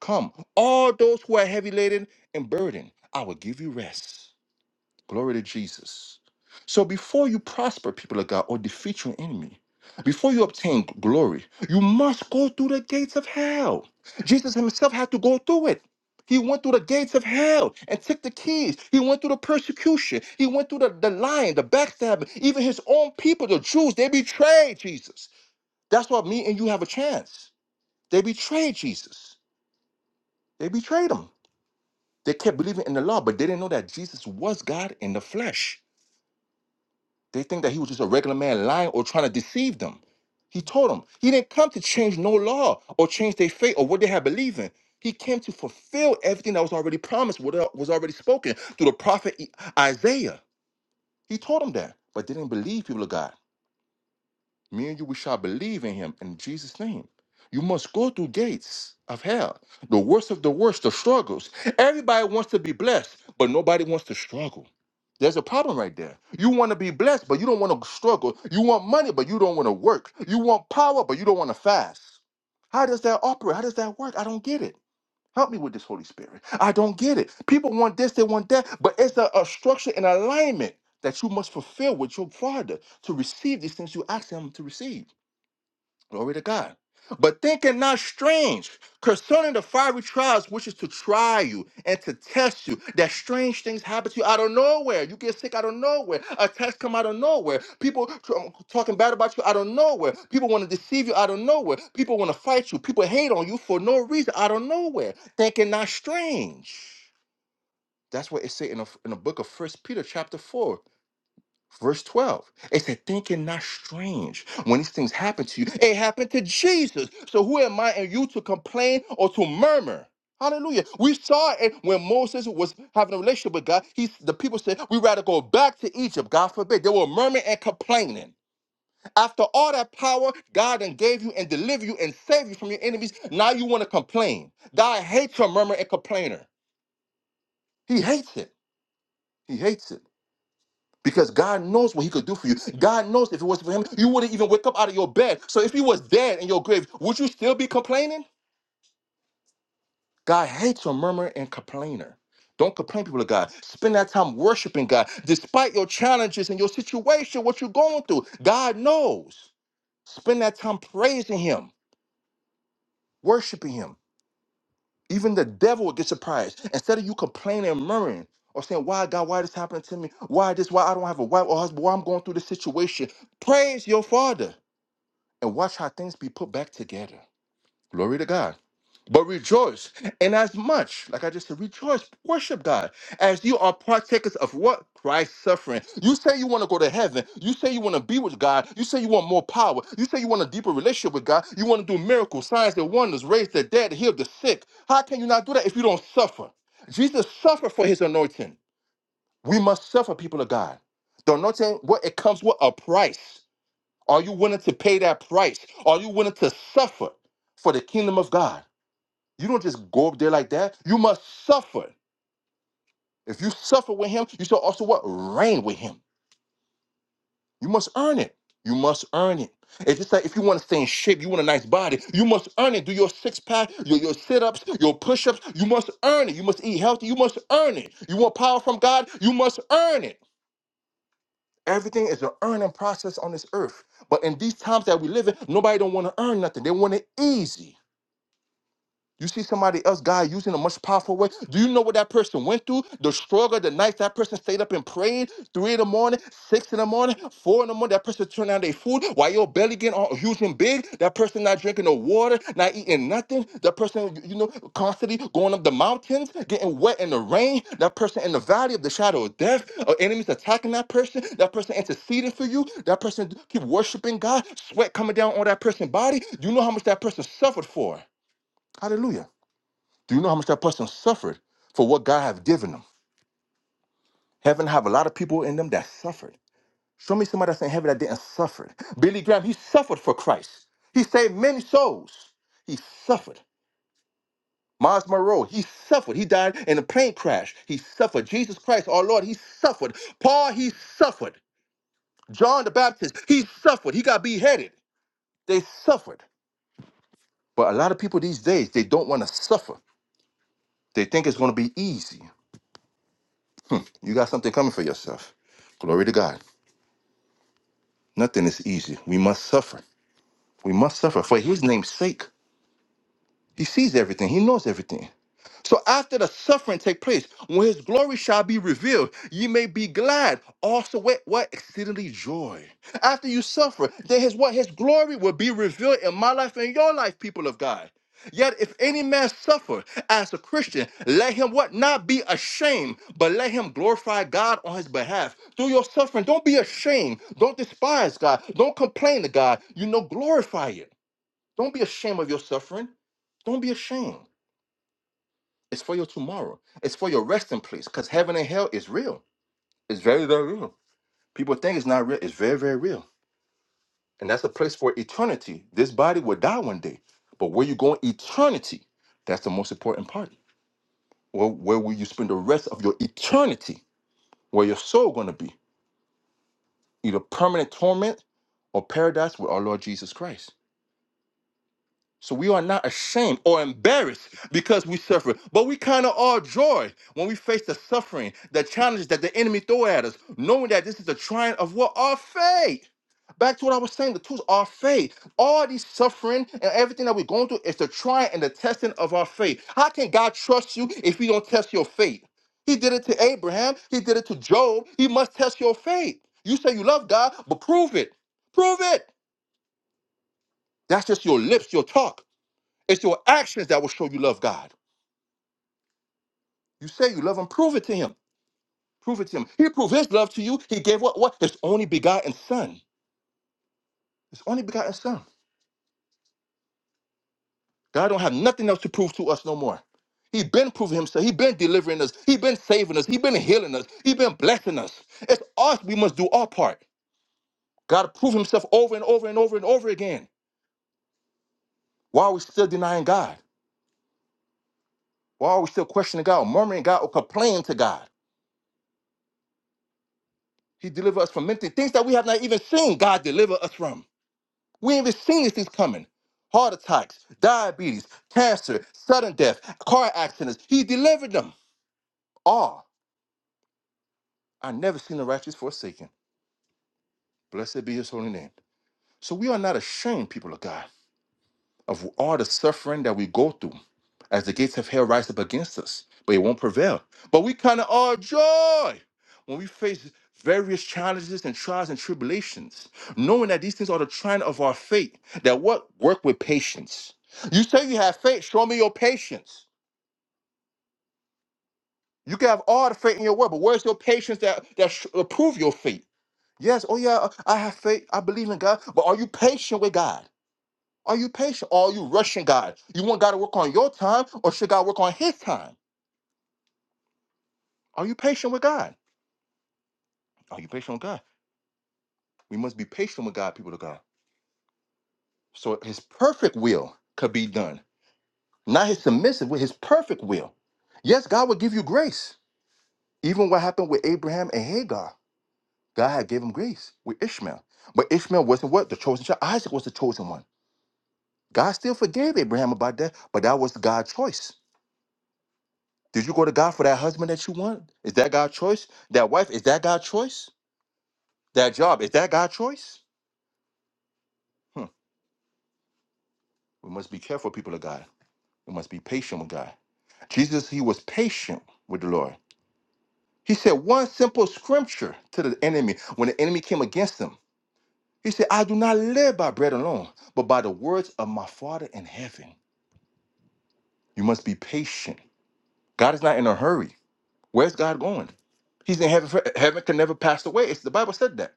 S1: come, all those who are heavy laden and burdened, I will give you rest. Glory to Jesus. So before you prosper, people of God, or defeat your enemy, before you obtain glory, you must go through the gates of hell. Jesus himself had to go through it. He went through the gates of hell and took the keys. He went through the persecution. He went through the, the lying, the backstabbing. Even his own people, the Jews, they betrayed Jesus. That's why me and you have a chance. They betrayed Jesus. They betrayed him. They kept believing in the law, but they didn't know that Jesus was God in the flesh. They think that he was just a regular man lying or trying to deceive them. He told them he didn't come to change no law or change their faith or what they had believed in. He came to fulfill everything that was already promised, what el- was already spoken through the prophet I- Isaiah. He told them that, but they didn't believe people of God me and you, we shall believe in him in Jesus' name. You must go through gates of hell, the worst of the worst, the struggles. Everybody wants to be blessed, but nobody wants to struggle. There's a problem right there. You want to be blessed, but you don't want to struggle. You want money, but you don't want to work. You want power, but you don't want to fast. How does that operate? How does that work? I don't get it. Help me with this Holy Spirit. I don't get it. People want this, they want that, but it's a, a structure and alignment that you must fulfill with your Father to receive these things you ask Him to receive. Glory to God. But thinking not strange concerning the fiery trials which is to try you and to test you, that strange things happen to you out of nowhere. You get sick out of nowhere. Attacks come out of nowhere. People t- um, talking bad about you out of nowhere. People want to deceive you out of nowhere. People want to fight you. People hate on you for no reason out of nowhere. Thinking not strange. That's what it says in the in the book of First Peter, chapter four. Verse 12, it said, thinking not strange when these things happen to you. It happened to Jesus. So who am I and you to complain or to murmur? Hallelujah. We saw it when Moses was having a relationship with God. He, the people said, we rather go back to Egypt. God forbid. They were murmuring and complaining. After all that power God then gave you and delivered you and saved you from your enemies, now you want to complain. God hates a murmur and complainer. He hates it. He hates it. Because God knows what He could do for you. God knows if it wasn't for Him, you wouldn't even wake up out of your bed. So if He was dead in your grave, would you still be complaining? God hates a murmurer and complainer. Don't complain, people of God. Spend that time worshiping God, despite your challenges and your situation, what you're going through. God knows. Spend that time praising Him, worshiping Him. Even the devil would get surprised. Instead of you complaining and murmuring or saying, Why, God, why this happening to me? Why this? Why I don't have a wife or husband? Why I'm going through this situation? Praise your Father. and watch how things be put back together. Glory to God. But rejoice, and as much, like I just said, rejoice, worship God, as you are partakers of what Christ's suffering. You say you want to go to heaven. You say you want to be with God. You say you want more power. You say you want a deeper relationship with God. You want to do miracles, signs and wonders, raise the dead, heal the sick. How can you not do that if you don't suffer? Jesus suffered for his anointing. We must suffer, people of God. The anointing, what it comes with a price. Are you willing to pay that price? Are you willing to suffer for the kingdom of God? You don't just go up there like that. You must suffer. If you suffer with him, you shall also what? Reign with him. You must earn it. You must earn it. It's just like if you want to stay in shape, you want a nice body, you must earn it. Do your six pack, your, your sit ups, your push ups, you must earn it. You must eat healthy, you must earn it. You want power from God, you must earn it. Everything is an earning process on this earth. But in these times that we live in, nobody don't want to earn nothing. They want it easy. You see somebody else, God, using a much powerful way. Do you know what that person went through? The struggle, the nights that person stayed up and prayed, three in the morning, six in the morning, four in the morning. That person turned down their food while your belly getting all huge and big. That person not drinking no water, not eating nothing. That person, you know, constantly going up the mountains, getting wet in the rain. That person in the valley of the shadow of death. Uh, enemies attacking that person. That person interceding for you. That person keep worshiping God. Sweat coming down on that person's body. You know how much that person suffered for. Hallelujah. Do you know how much that person suffered for what God have given them? Heaven have a lot of people in them that suffered. Show me somebody that's in heaven that didn't suffer. Billy Graham, he suffered for Christ. He saved many souls. He suffered. Miles Monroe, he suffered. He died in a plane crash. He suffered. Jesus Christ, our Lord, he suffered. Paul, he suffered. John the Baptist, he suffered. He got beheaded. They suffered. But a lot of people these days, they don't want to suffer. They think it's going to be easy. You got something coming for yourself. Glory to God. Nothing is easy. We must suffer. We must suffer for his name's sake. He sees everything, he knows everything. So after the suffering take place, when his glory shall be revealed, ye may be glad also with what exceedingly joy. After you suffer, then his what his glory will be revealed in my life and your life, people of God. Yet if any man suffer as a Christian, let him what not be ashamed, but let him glorify God on his behalf. Through your suffering, don't be ashamed. Don't despise God. Don't complain to God. You know, glorify it. Don't be ashamed of your suffering. Don't be ashamed. It's for your tomorrow. It's for your resting place. Because heaven and hell is real. It's very, very real. People think it's not real. It's very, very real. And that's a place for eternity. This body will die one day. But where you go in eternity, that's the most important part. Well, where will you spend the rest of your eternity? Where your soul gonna be? Either permanent torment or paradise with our Lord Jesus Christ. So we are not ashamed or embarrassed because we suffer, but we kind of are joy when we face the suffering, the challenges that the enemy throw at us, knowing that this is the trying of what our faith. Back to what I was saying, the tools our faith. All these suffering and everything that we're going through is the trying and the testing of our faith. How can God trust you if He don't test your faith? He did it to Abraham. He did it to Job. He must test your faith. You say you love God, but prove it. Prove it. That's just your lips, your talk. It's your actions that will show you love God. You say you love Him, prove it to Him. Prove it to Him. He proved His love to you. He gave what? What? His only begotten Son. His only begotten Son. God don't have nothing else to prove to us no more. He been proving Himself. He been delivering us. He been saving us. He been healing us. He been blessing us. It's us. We must do our part. God proved Himself over and over and over and over again. Why are we still denying God? Why are we still questioning God, murmuring God, or complaining to God? He delivered us from many things that we have not even seen. God deliver us from. We ain't even seen these things coming. Heart attacks, diabetes, cancer, sudden death, car accidents. He delivered them all. I never seen the righteous forsaken. Blessed be his holy name. So we are not ashamed, people of God. of all the suffering that we go through as the gates of hell rise up against us, but it won't prevail. But we count it all joy when we face various challenges and trials and tribulations, knowing that these things are the trying of our faith, that what work with patience. You say you have faith, show me your patience. You can have all the faith in your world, but where's your patience that, that sh- approve your faith? Yes, oh yeah, I have faith, I believe in God, but are you patient with God? Are you patient or are you rushing God? You want God to work on your time or should God work on his time? Are you patient with God? Are you patient with God? We must be patient with God, people of God. So his perfect will could be done. Not his submissive with his perfect will. Yes, God will give you grace. Even what happened with Abraham and Hagar, God had gave him grace with Ishmael. But Ishmael wasn't what? The chosen child. Isaac was the chosen one. God still forgave Abraham about that, but that was God's choice. Did you go to God for that husband that you want? Is that God's choice? That wife, is that God's choice? That job, is that God's choice? Hmm. We must be careful, people of God. We must be patient with God. Jesus, he was patient with the Lord. He said one simple scripture to the enemy when the enemy came against him. He said, I do not live by bread alone, but by the words of my Father in heaven. You must be patient. God is not in a hurry. Where's God going? He's in heaven. For, heaven can never pass away. It's the Bible said that.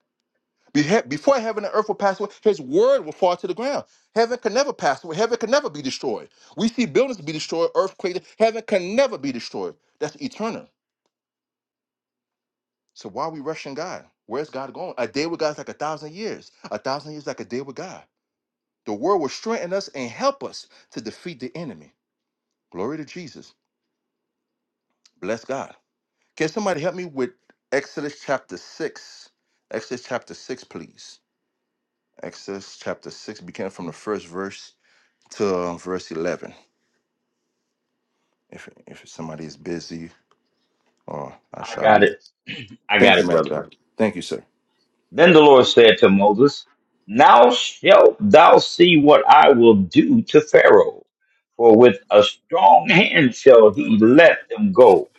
S1: Behe- Before heaven and earth will pass away, his word will fall to the ground. Heaven can never pass away. Heaven can never be destroyed. We see buildings be destroyed, earthquake. Heaven can never be destroyed. That's eternal. So why are we rushing God? Where's God going? A day with God is like a thousand years. A thousand years is like a day with God. The word will strengthen us and help us to defeat the enemy. Glory to Jesus. Bless God. Can somebody help me with Exodus chapter 6? Exodus chapter 6, please. Exodus chapter 6, beginning from the first verse. to um, verse 11 if if somebody is busy or I
S3: I
S1: shall
S3: got
S1: read.
S3: it. I
S1: Thank
S3: got
S1: you,
S3: it,
S1: man of
S3: brother.
S1: God. Thank you, sir.
S3: Then the Lord said to Moses, Now shalt thou see what I will do to Pharaoh, for with a strong hand shall he let them go,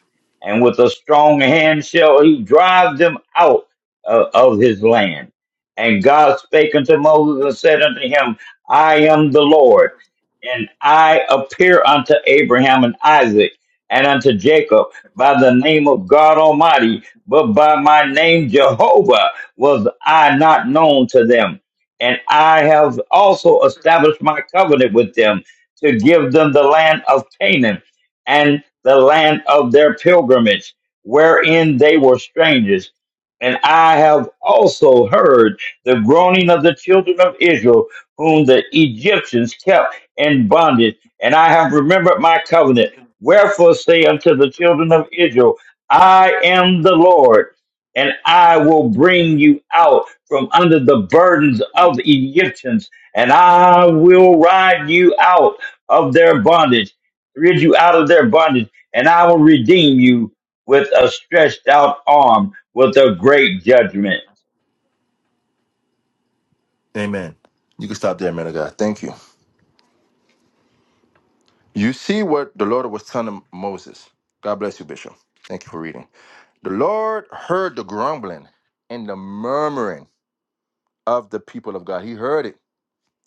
S3: and with a strong hand shall he drive them out uh, of his land. And God spake unto Moses and said unto him, I am the Lord, and I appear unto Abraham and Isaac and unto Jacob by the name of God Almighty, but by my name Jehovah was I not known to them. And I have also established my covenant with them to give them the land of Canaan and the land of their pilgrimage, wherein they were strangers. And I have also heard the groaning of the children of Israel, whom the Egyptians kept in bondage. And I have remembered my covenant. Wherefore say unto the children of Israel, I am the Lord and I will bring you out from under the burdens of the Egyptians, and I will ride you out of their bondage, rid you out of their bondage, and I will redeem you with a stretched out arm, with a great judgment.
S1: Amen. You can stop there, man of God. Thank you. You see what the Lord was telling Moses. God bless you, Bishop. Thank you for reading. The Lord heard the grumbling and the murmuring of the people of God. He heard it.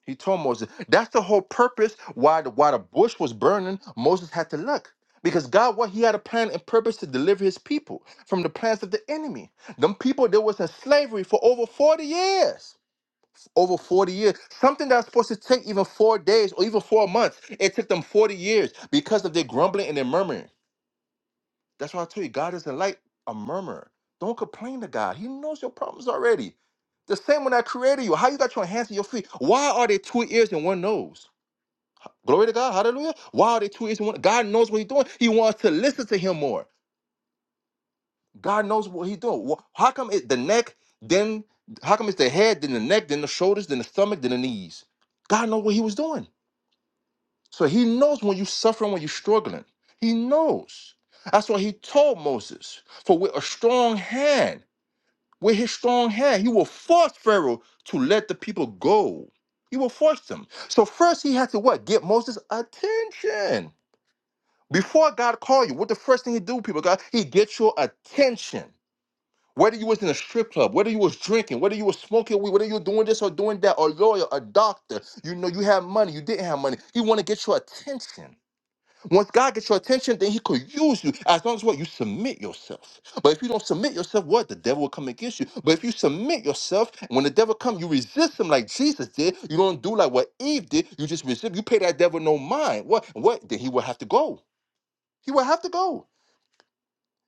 S1: He told Moses, that's the whole purpose why the, why the bush was burning. Moses had to look because God, what he had a plan and purpose to deliver his people from the plans of the enemy. Them people that was in slavery for over 40 years. Over 40 years. Something that's supposed to take even four days or even four months. It took them 40 years because of their grumbling and their murmuring. That's why I tell you, God doesn't like a murmur. Don't complain to God. He knows your problems already. The same one that created you. How you got your hands and your feet? Why are there two ears and one nose? Glory to God. Hallelujah. Wow, the two is one. God knows what he's doing. He wants to listen to him more. God knows what he's doing. Wh- How come it the neck, then how come it's the head, then the neck, then the shoulders, then the stomach, then the knees? God knows what he was doing. So he knows when you're suffering, when you're struggling. He knows. That's why he told Moses. For with a strong hand, with his strong hand, he will force Pharaoh to let the people go. He will force them. So first he had to what? Get Moses' attention. Before God called you, what the first thing He do, people, God, He gets your attention. Whether you was in a strip club, whether you was drinking, whether you was smoking weed, whether you were doing this or doing that, or lawyer, a doctor, you know you have money, you didn't have money. He want to get your attention. Once God gets your attention, then He could use you as long as what you submit yourself. But if you don't submit yourself, what the devil will come against you. But if you submit yourself, when the devil come, you resist him like Jesus did. You don't do like what Eve did. You just resist. You pay that devil no mind. What? What? Then he will have to go. He will have to go.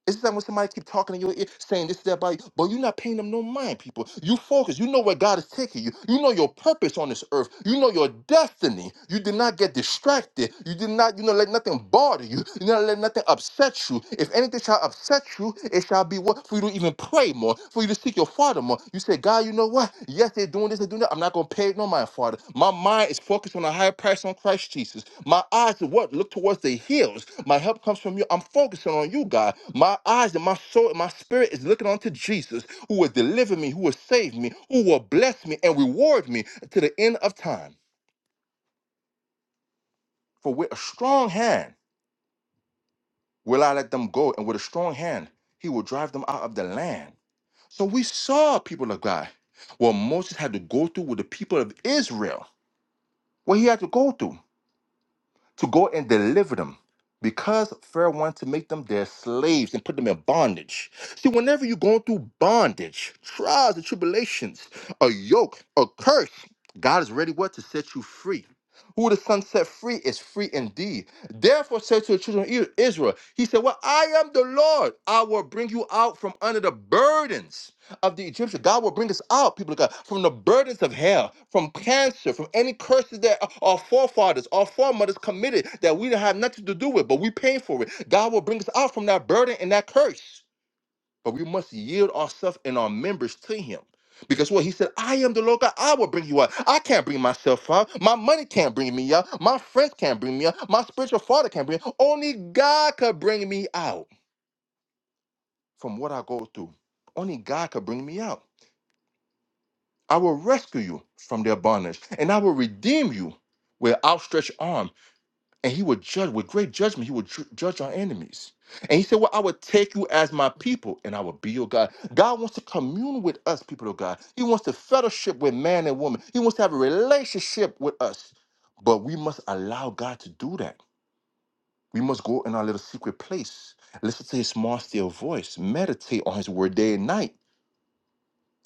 S1: It's like when somebody keep talking in your ear, saying this, that, but but you're not paying them no mind, people. You focus. You know where God is taking you. You know your purpose on this earth. You know your destiny. You did not get distracted. You did not, you know, let nothing bother you. You not let nothing upset you. If anything shall upset you, it shall be what for you to even pray more, for you to seek your Father more. You say, God, you know what? Yes, they're doing this, they're doing that. I'm not gonna pay it no mind, Father. My mind is focused on a higher price on Christ Jesus. My eyes are what look towards the hills. My help comes from you. I'm focusing on you, God. My eyes and my soul and my spirit is looking onto Jesus, who will deliver me, who will save me, who will bless me and reward me to the end of time. For with a strong hand will I let them go, and with a strong hand he will drive them out of the land. So we saw people of God what Moses had to go through with the people of Israel what he had to go through to go and deliver them because Pharaoh wanted to make them their slaves and put them in bondage. See, whenever you're going through bondage, trials and tribulations, a yoke, a curse, God is ready what to set you free. Who the Son set free is free indeed. Therefore, said to the children of Israel, He said, Well, I am the Lord. I will bring you out from under the burdens of the Egyptian. God will bring us out, people of God, from the burdens of hell, from cancer, from any curses that our forefathers, our foremothers committed that we don't have nothing to do with, but we pay for it. God will bring us out from that burden and that curse. But we must yield ourselves and our members to Him. Because what he said, I am the Lord God. I will bring you out. I can't bring myself out. My money can't bring me out. My friends can't bring me out. My spiritual father can't bring. me out. Only God could bring me out from what I go through. Only God could bring me out. I will rescue you from their bondage, and I will redeem you with outstretched arm, and he will judge with great judgment. He will ju- judge our enemies. And he said, Well, I will take you as my people, and I will be your God. God wants to commune with us, people of God. He wants to fellowship with man and woman. He wants to have a relationship with us. But we must allow God to do that. We must go in our little secret place, listen to his small, still voice, meditate on his word day and night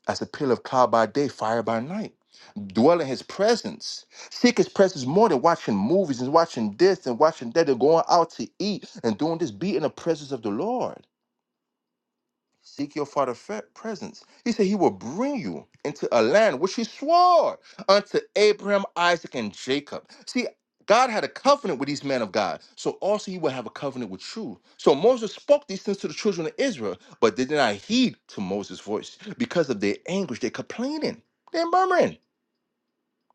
S1: as a pillar of cloud by day, fire by night dwell in his presence. Seek his presence more than watching movies and watching this and watching that and going out to eat and doing this. Be in the presence of the Lord. Seek your father's fe- presence. He said he will bring you into a land which he swore unto Abraham, Isaac, and Jacob. See, God had a covenant with these men of God. So also he will have a covenant with you. So Moses spoke these things to the children of Israel, but they did not heed to Moses' voice. Because of their anguish, they're complaining. They're murmuring.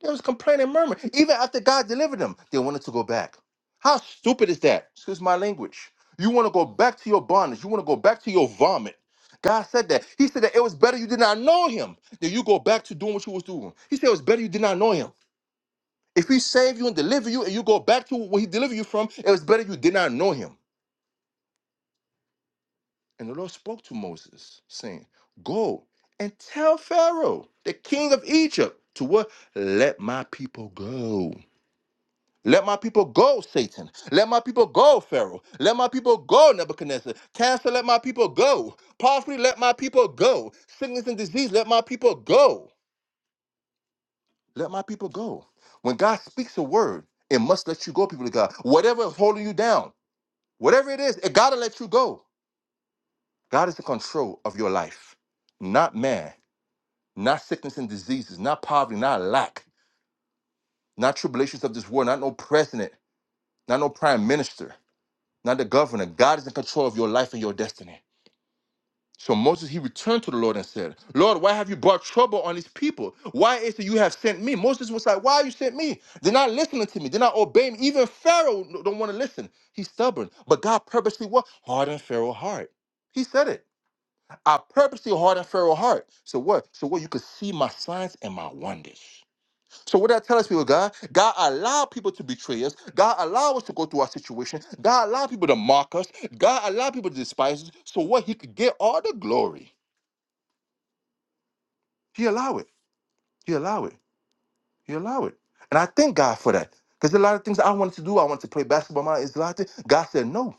S1: They was complaining, murmuring. Even after God delivered them, they wanted to go back. How stupid is that? Excuse my language. You want to go back to your bondage. You want to go back to your vomit. God said that. He said that it was better you did not know him than you go back to doing what you was doing. He said it was better you did not know him. If he saved you and delivered you and you go back to what he delivered you from, it was better you did not know him. And the Lord spoke to Moses, saying, Go and tell Pharaoh, the king of Egypt, to what? Let my people go. Let my people go, Satan. Let my people go, Pharaoh. Let my people go, Nebuchadnezzar. Cancer, let my people go. Poverty, let my people go. Sickness and disease, let my people go. Let my people go. When God speaks a word, it must let you go, people of God. Whatever is holding you down, whatever it is, it gotta let you go. God is in control of your life, not man, not sickness and diseases, not poverty, not lack, not tribulations of this world, not no president, not no prime minister. not the governor. God is in control of your life and your destiny. So Moses, he returned to the Lord and said, Lord, why have you brought trouble on these people? Why is it you have sent me? Moses was like, why you sent me? They're not listening to me. They're not obeying. Even Pharaoh no, don't want to listen. He's stubborn. But God purposely what? Hardened Pharaoh's heart. He said it. I purposely hardened Pharaoh's heart. So what? So what? You could see my signs and my wonders. So what that tell us, people, of God, God allowed people to betray us. God allowed us to go through our situation. God allowed people to mock us. God allowed people to despise us. So what he could get all the glory. He allow it. He allow it. He allow it. And I thank God for that. Because a lot of things I wanted to do, I wanted to play basketball. My is a lot of things. God said no.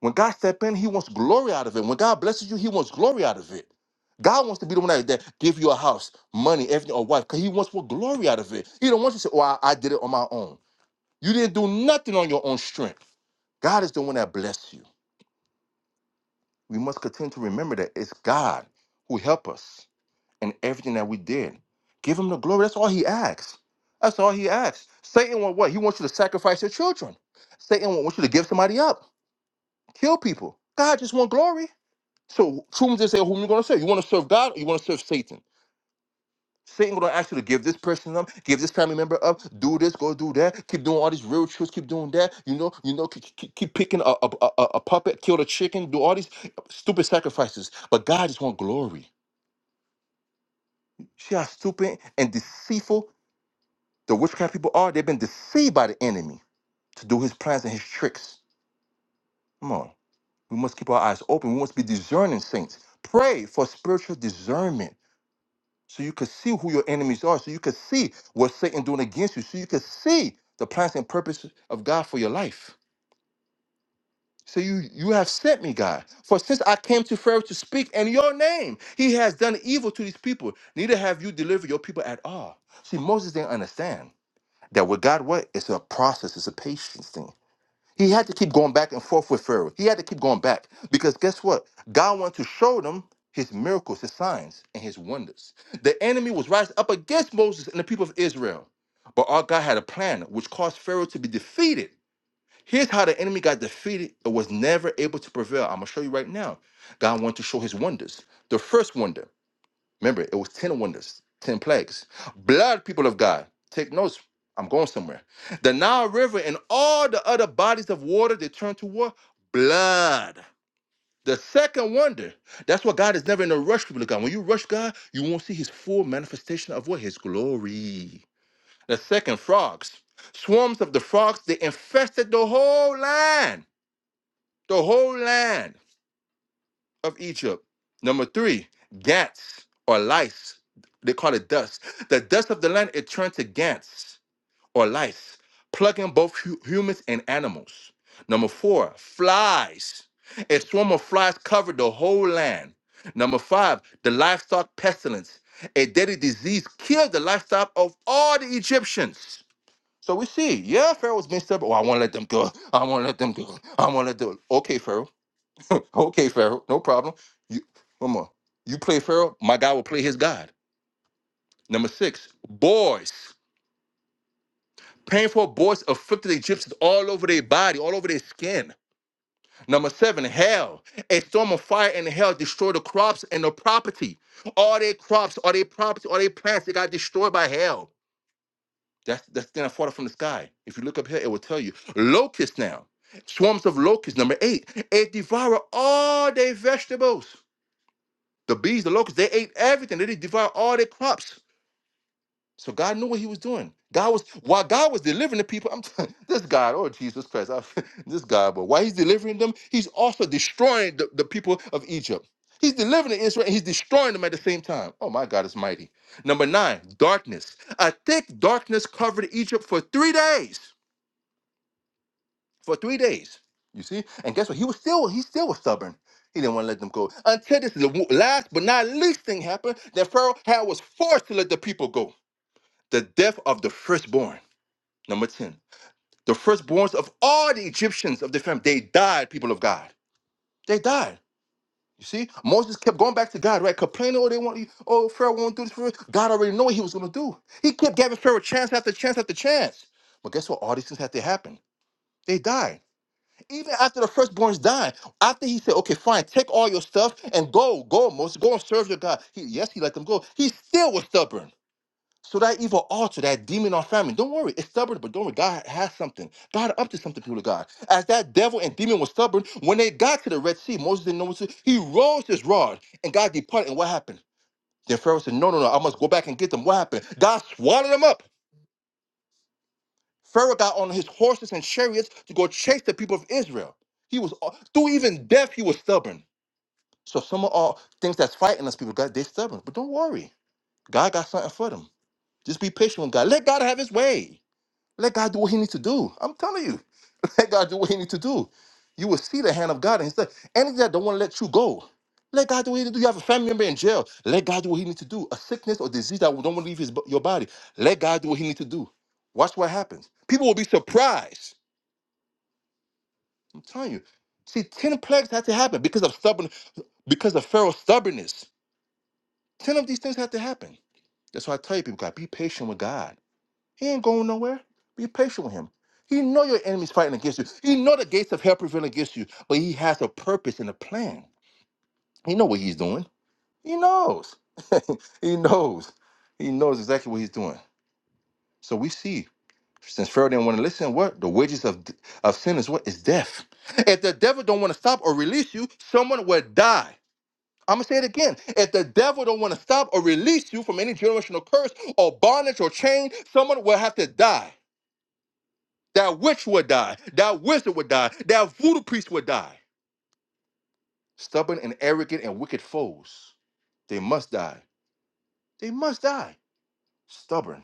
S1: When God stepped in, He wants glory out of it. When God blesses you, He wants glory out of it. God wants to be the one that, that give you a house, money, everything, or wife, because He wants more glory out of it. He don't want you to say, "Oh, I, I did it on my own." You didn't do nothing on your own strength. God is the one that blessed you. We must continue to remember that it's God who helped us in everything that we did. Give him the glory. That's all he asks. That's all he asks. Satan want what? He wants you to sacrifice your children. Satan wants you to give somebody up, kill people. God just want glory. So choose to say whom you're gonna serve. You want to serve God or you want to serve Satan? Satan gonna ask you to give this person up, give this family member up, do this, go do that, keep doing all these rituals, keep doing that. You know, you know, keep, keep, keep picking a, a, a, a a puppet, kill the chicken, do all these stupid sacrifices. But God just want glory. See how stupid and deceitful the witchcraft people are? They've been deceived by the enemy to do his plans and his tricks. Come on. We must keep our eyes open. We must be discerning saints. Pray for spiritual discernment so you could see who your enemies are, so you could see what Satan doing against you, so you could see the plans and purposes of God for your life. So you you have sent me, God. For since I came to Pharaoh to speak in your name, he has done evil to these people. Neither have you delivered your people at all. See, Moses didn't understand that with God, what it's a process, it's a patience thing. He had to keep going back and forth with Pharaoh. He had to keep going back because guess what? God wanted to show them his miracles, his signs, and his wonders. The enemy was rising up against Moses and the people of Israel. But our God had a plan which caused Pharaoh to be defeated. Here's how the enemy got defeated and was never able to prevail. I'm going to show you right now. God wanted to show his wonders. The first wonder Remember, it was 10 wonders, 10 plagues. Blood, people of God, take notes. I'm going somewhere. The Nile River and all the other bodies of water they turned to what? Blood. The second wonder. That's why God is never in a rush, people of God. When you rush God, you won't see his full manifestation of what? His glory. The second, frogs. Swarms of the frogs, they infested the whole land. The whole land of Egypt. Number three, gants or lice. They call it dust. The dust of the land, it turned to gants or lice, plugging both hu- humans and animals. Number four, flies. A swarm of flies covered the whole land. Number five, the livestock pestilence. A deadly disease killed the livestock of all the Egyptians. So we see, yeah, Pharaoh's messed up. Oh, I want to let them go. I want to let them go. I want to let them. Okay, Pharaoh. okay, Pharaoh, no problem. You, one more. You play Pharaoh, my God will play his God. Number six, boils. Painful boils afflicted the Egyptians all over their body, all over their skin. Number seven, hell. A storm of fire and hell destroyed the crops and the property. All their crops, all their property, all their plants, they got destroyed by hell. That's that's the thing that fallen from the sky. If you look up here, it will tell you. Locusts now. Swarms of locusts, number eight. It devour all their vegetables. The bees, the locusts, they ate everything. They devoured all their crops. So God knew what He was doing. God was while God was delivering the people. I'm telling this God, oh Jesus Christ, I, this God. But while He's delivering them, He's also destroying the, the people of Egypt. He's delivering Israel. and He's destroying them at the same time. Oh my God, is mighty. Number nine, darkness. A thick darkness covered Egypt for three days for three days. You see, and guess what? He was still he still was stubborn. He didn't want to let them go until this is the wo- last but not least thing happened that Pharaoh had was forced to let the people go. The death of the firstborn. Number ten, the firstborns of all the Egyptians of the family, they died. People of God, they died. You see, Moses kept going back to God, right? Complaining, oh, they want, oh, Pharaoh won't do this for us. God already knew what he was going to do. He kept giving Pharaoh chance after chance after chance. But guess what? All these things had to happen. They died. Even after the firstborn's dying, after he said, okay, fine, take all your stuff and go, go, Moses, go and serve your God. He, yes, he let them go. He still was stubborn. So that evil altar, that demon on famine, don't worry, it's stubborn, but don't worry, God has something. God up to something, people of God. As that devil and demon was stubborn, when they got to the Red Sea, Moses didn't know what to do. He rose his rod and God departed. And what happened? Then Pharaoh said, no, no, no, I must go back and get them. What happened? God swallowed them up. Pharaoh got on his horses and chariots to go chase the people of Israel. He was uh, through even death, he was stubborn. So some of all things that's fighting us, people, God, they're stubborn. But don't worry. God got something for them. Just be patient with God. Let God have his way. Let God do what he needs to do. I'm telling you. Let God do what he needs to do. You will see the hand of God and his stuff. Anything that don't want to let you go. Let God do what he needs to do. You have a family member in jail. Let God do what he needs to do. A sickness or disease that don't want to leave his, your body. Let God do what he needs to do. Watch what happens. People will be surprised I'm telling you. See, 10 plagues had to happen because of stubborn, because of Pharaoh's stubbornness. 10 of these things had to happen. That's why I tell you people, God, be patient with God. He ain't going nowhere. Be patient with him. He know your enemy's fighting against you. He know the gates of hell prevail against you, but he has a purpose and a plan. He know what he's doing. He knows. he knows. He knows exactly what he's doing. So we see, since Pharaoh didn't want to listen, what? The wages of, of sin is what? Is death. If the devil don't want to stop or release you, someone will die. I'm gonna say it again. If the devil don't want to stop or release you from any generational curse or bondage or chain, someone will have to die. That witch would die. That wizard would die. That voodoo priest would die. Stubborn and arrogant and wicked foes. They must die. They must die. Stubborn.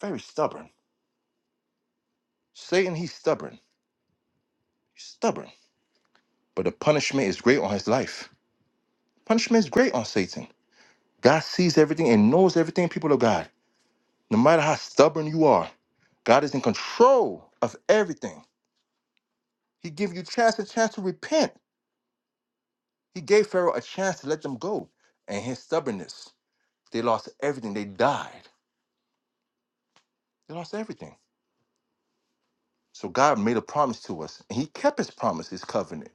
S1: Very stubborn. Satan, he's stubborn. He's stubborn. But the punishment is great on his life. Punishment is great on Satan. God sees everything and knows everything, people of God. No matter how stubborn you are, God is in control of everything. He gave you chance a chance to repent. He gave Pharaoh a chance to let them go. And his stubbornness, they lost everything. They died. They lost everything. So God made a promise to us, and He kept His promise, His covenant,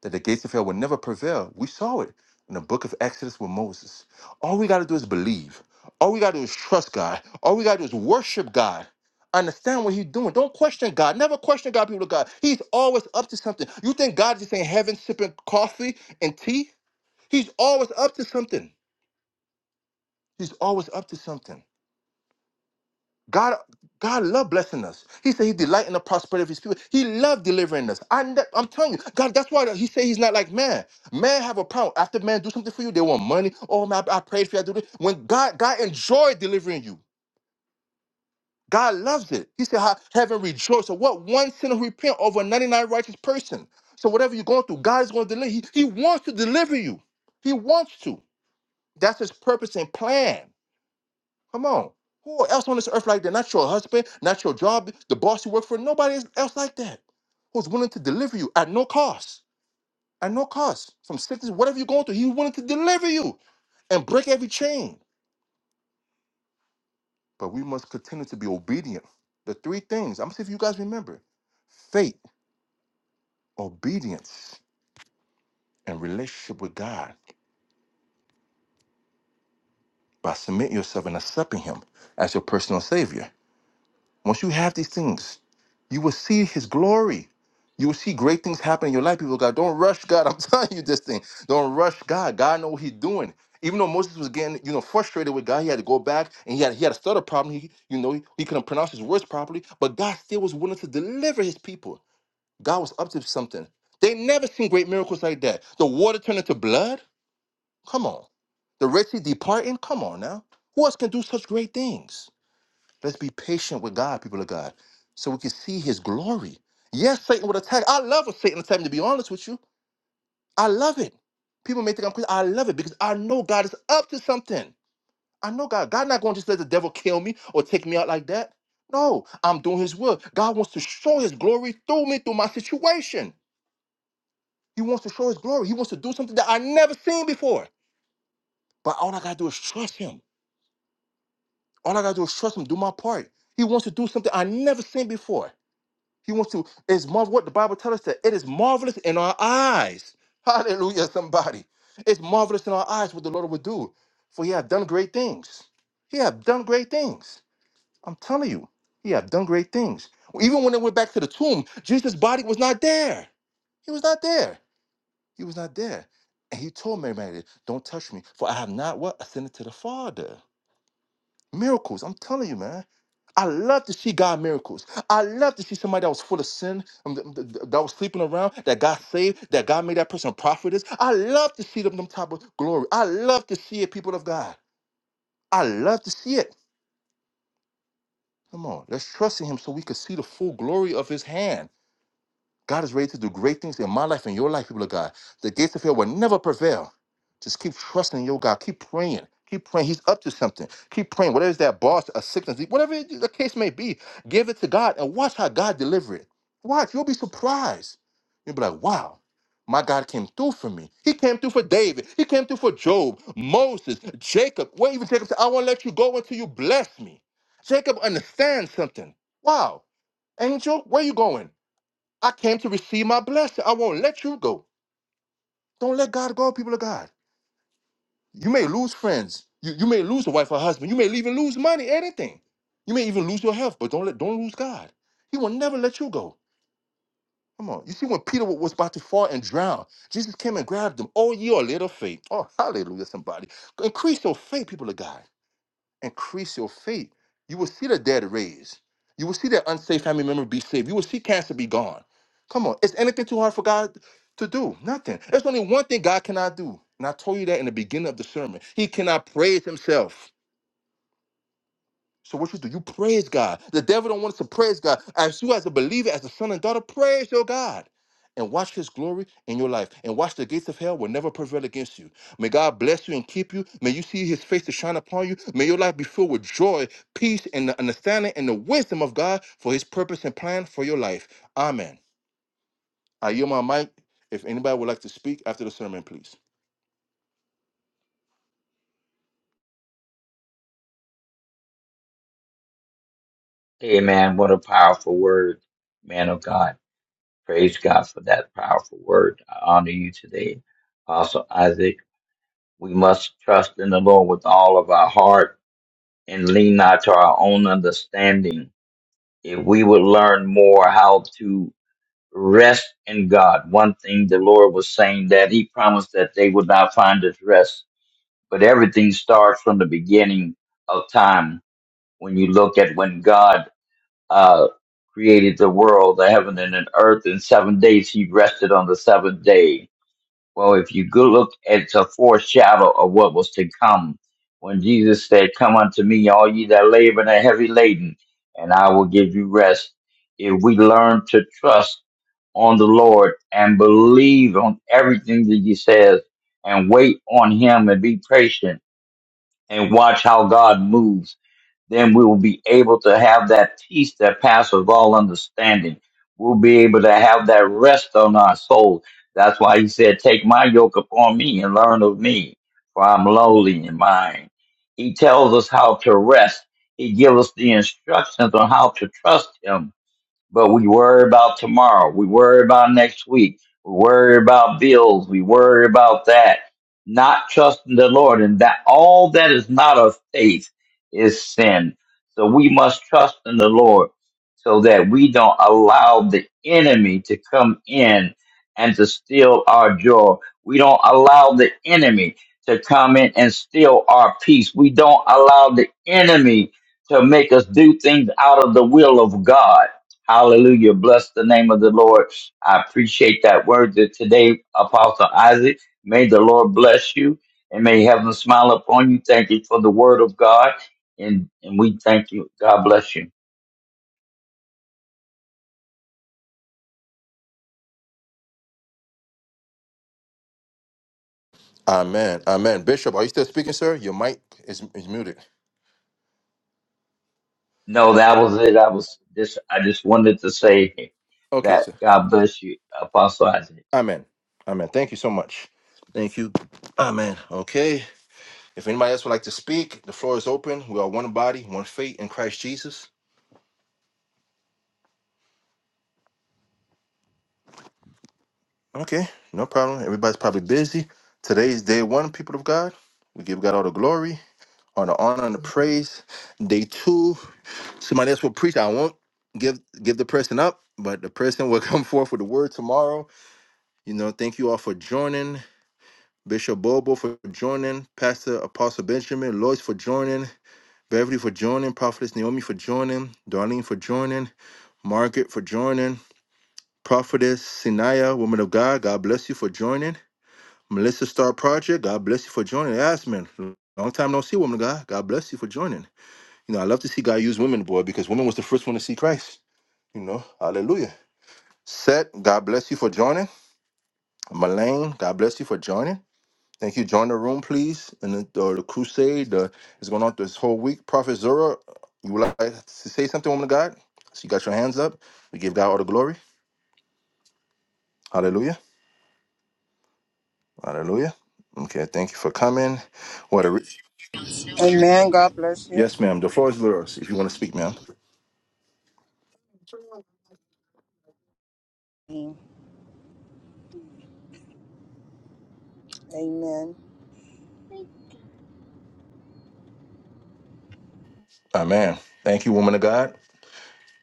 S1: that the gates of hell would never prevail. We saw it in the book of Exodus with Moses. All we got to do is believe. All we got to do is trust God. All we got to do is worship God. Understand what He's doing. Don't question God. Never question God, people of God. He's always up to something. You think God just in heaven sipping coffee and tea? He's always up to something. He's always up to something. God, God love blessing us. He said He delight in the prosperity of His people. He loved delivering us. I, ne- I'm telling you, God, that's why He said He's not like man. Man have a problem. After man do something for you, they want money. Oh man, I, I prayed for you. I do this. When God, God enjoyed delivering you. God loves it. He said, "How heaven rejoices." So what one sinner who repent over ninety-nine righteous person? So whatever you're going through, God is going to deliver. He, he wants to deliver you. He wants to. That's His purpose and plan. Come on. Who else on this earth like that? Not your husband, not your job, the boss you work for, nobody else like that. Who's willing to deliver you at no cost. At no cost. From sickness, whatever you're going through, he's willing to deliver you and break every chain. But we must continue to be obedient. The three things, I'm gonna see if you guys remember faith, obedience, and relationship with God by submitting yourself and accepting him as your personal savior. Once you have these things, you will see his glory. You will see great things happen in your life. People, God, don't rush God. I'm telling you this thing. Don't rush God. God know what he's doing. Even though Moses was getting, you know, frustrated with God, he had to go back and he had he had a stutter problem. He, you know, he, he couldn't pronounce his words properly, but God still was willing to deliver his people. God was up to something. They never seen great miracles like that. The water turned into blood. Come on. The Red Sea departing. Come on now. Who else can do such great things? Let's be patient with God, people of God, so we can see his glory. Yes, Satan would attack. I love a Satan attack, to be honest with you. I love it. People may think I'm crazy. I love it because I know God is up to something. I know God. God not going to just let the devil kill me or take me out like that. No, I'm doing his will. God wants to show his glory through me, through my situation. He wants to show his glory. He wants to do something that I never seen before. But all I gotta do is trust him. All I gotta do is trust him, do my part. He wants to do something I never seen before. He wants to, it's mar. what the Bible tells us that it is marvelous in our eyes. Hallelujah, somebody. It's marvelous in our eyes what the Lord would do. For he have done great things. He have done great things. I'm telling you, he have done great things. Even when they went back to the tomb, Jesus' body was not there. He was not there. He was not there. And he told Mary Magdalene, Don't touch me, for I have not what? Ascended to the Father. Miracles, I'm telling you, man. I love to see God miracles. I love to see somebody that was full of sin, um, th- th- th- that was sleeping around, that got saved, that God made that person a prophetess. I love to see them, them type of glory. I love to see it, people of God. I love to see it. Come on, let's trust in Him so we can see the full glory of His hand. God is ready to do great things in my life and your life, people of God. The gates of hell will never prevail. Just keep trusting your God. Keep praying. Keep praying. He's up to something. Keep praying. Whatever is that boss, a sickness, whatever it- the case may be, give it to God and watch how God deliver it. Watch. You'll be surprised. You'll be like, wow, my God came through for me. He came through for David. He came through for Job, Moses, Jacob. Well, even Jacob said, I won't let you go until you bless me. Jacob understands something. Wow, angel, where you going? I came to receive my blessing. I won't let you go. Don't let God go, people of God. You may lose friends. You, you may lose a wife or husband. You may even lose money, anything. You may even lose your health, but don't let don't lose God. He will never let you go. Come on. You see, when Peter was about to fall and drown, Jesus came and grabbed him. Oh, ye are little faith. Oh, hallelujah, somebody. Increase your faith, people of God. increase your faith, you will see the dead raised. You will see that unsafe family member be saved. You will see cancer be gone. Come on, is anything too hard for God to do? Nothing. There's only one thing God cannot do. And I told you that in the beginning of the sermon. He cannot praise himself. So what you do? You praise God. The devil don't want us to praise God. As you as a believer, as a son and daughter, praise your God. And watch his glory in your life. And watch the gates of hell will never prevail against you. May God bless you and keep you. May you see his face to shine upon you. May your life be filled with joy, peace, and the understanding and the wisdom of God for his purpose and plan for your life. Amen. I yield my mic. If anybody would like to speak after the sermon, please.
S3: Amen. What a powerful word, man of God. Praise God for that powerful word. I honor you today. Apostle Isaac, we must trust in the Lord with all of our heart and lean not to our own understanding. If we would learn more how to rest in God, one thing the Lord was saying that He promised that they would not find us rest. But everything starts from the beginning of time. When you look at when God uh, created the world, the heaven and the earth in seven days, He rested on the seventh day well, if you go look, it's a foreshadow of what was to come. When Jesus said, Come unto me, all ye that labor and are heavy laden, and I will give you rest. If we learn to trust on the Lord and believe on everything that He says and wait on Him and be patient and watch how God moves, then we will be able to have that peace that passes all understanding. We'll be able to have that rest on our soul. That's why he said, Take my yoke upon me and learn of me, for I'm lowly in mind. He tells us how to rest. He gives us the instructions on how to trust him but we worry about tomorrow. We worry about next week. We worry about bills. We worry about that. Not trusting the Lord and that all that is not of faith is sin. So we must trust in the Lord so that we don't allow the enemy to come in and to steal our joy. We don't allow the enemy to come in and steal our peace. We don't allow the enemy to make us do things out of the will of God Hallelujah. Bless the name of the Lord. I appreciate that word that today, Apostle Isaac. May the Lord bless you and may heaven smile upon you. Thank you for the word of God. And and we thank you. God bless you.
S1: Amen. Amen. Bishop, are you still speaking, sir? Your mic is, is muted.
S3: No, that was it. I was just I just wanted to say
S1: Okay,
S3: that
S1: sir.
S3: God bless you, Apostle Isaac.
S1: Amen. Amen. Thank you so much. Thank you. Amen. Okay. If anybody else would like to speak, the floor is open. We are one body, one faith in Christ Jesus. Okay. No problem. Everybody's probably busy. Today is day one, people of God. We give God all the glory, all the honor, and the praise. Day two, somebody else will preach. I won't give give the person up, but the person will come forth with the word tomorrow. You know, thank you all for joining. Bishop Bobo for joining, Pastor Apostle Benjamin, Lois for joining, Beverly for joining, Prophetess Naomi for joining, Darlene for joining, Margaret for joining, Prophetess Sinaya, woman of God, God bless you for joining. Melissa Star Project, God bless you for joining. Asman, long time no see, woman of God, God bless you for joining. You know, I love to see God use women, boy, because women was the first one to see Christ. You know, hallelujah. Set, God bless you for joining. Malane, God bless you for joining. Thank you. Join the room, please. And the, the, the crusade uh, is going on this whole week. Prophet Zora, you would like to say something, woman of God? So you got your hands up. We give God all the glory. Hallelujah. Hallelujah. Okay. Thank you for coming. What a re-
S5: Amen. God bless
S1: yes, ma'am. The floor is yours if you want to speak, ma'am.
S5: you. Amen.
S1: Amen. Thank you, woman of God.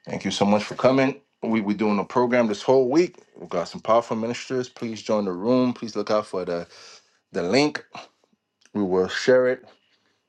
S1: Thank you so much for coming. We, we're doing a program this whole week. We've got some powerful ministers. Please join the room. Please look out for the, the link. We will share it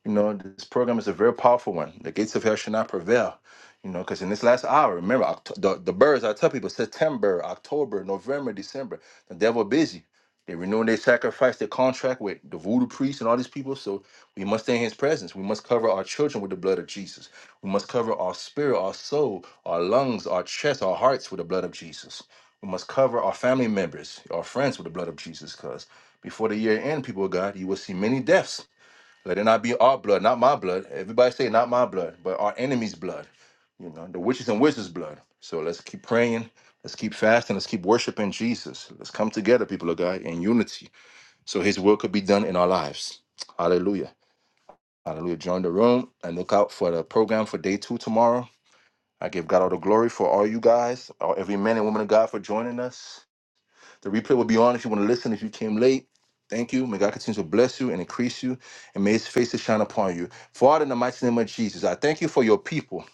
S1: You know, this program is a very powerful one. The gates of hell should not prevail. You know, because in this last hour, remember Oct- the, the birds. I tell people September, October, November, December. The devil busy. They renew their sacrifice, their contract with the voodoo priests and all these people. So we must stay in his presence. We must cover our children with the blood of Jesus. We must cover our spirit, our soul, our lungs, our chest, our hearts with the blood of Jesus. We must cover our family members, our friends with the blood of Jesus. Because before the year end, people of God, you will see many deaths let it not be our blood, not my blood. Everybody say not my blood, but our enemy's blood. You know, the witches and wizards' blood. So let's keep praying. Let's keep fasting. Let's keep worshiping Jesus. Let's come together, people of God, in unity. So his will could be done in our lives. Hallelujah. Hallelujah. Join the room and look out for the program for day two tomorrow. I give God all the glory for all you guys, all, every man and woman of God for joining us. The replay will be on if you want to listen. If you came late, thank you. May God continue to bless you and increase you, and may His face to shine upon you. Father, in the mighty name of Jesus, I thank you for your people.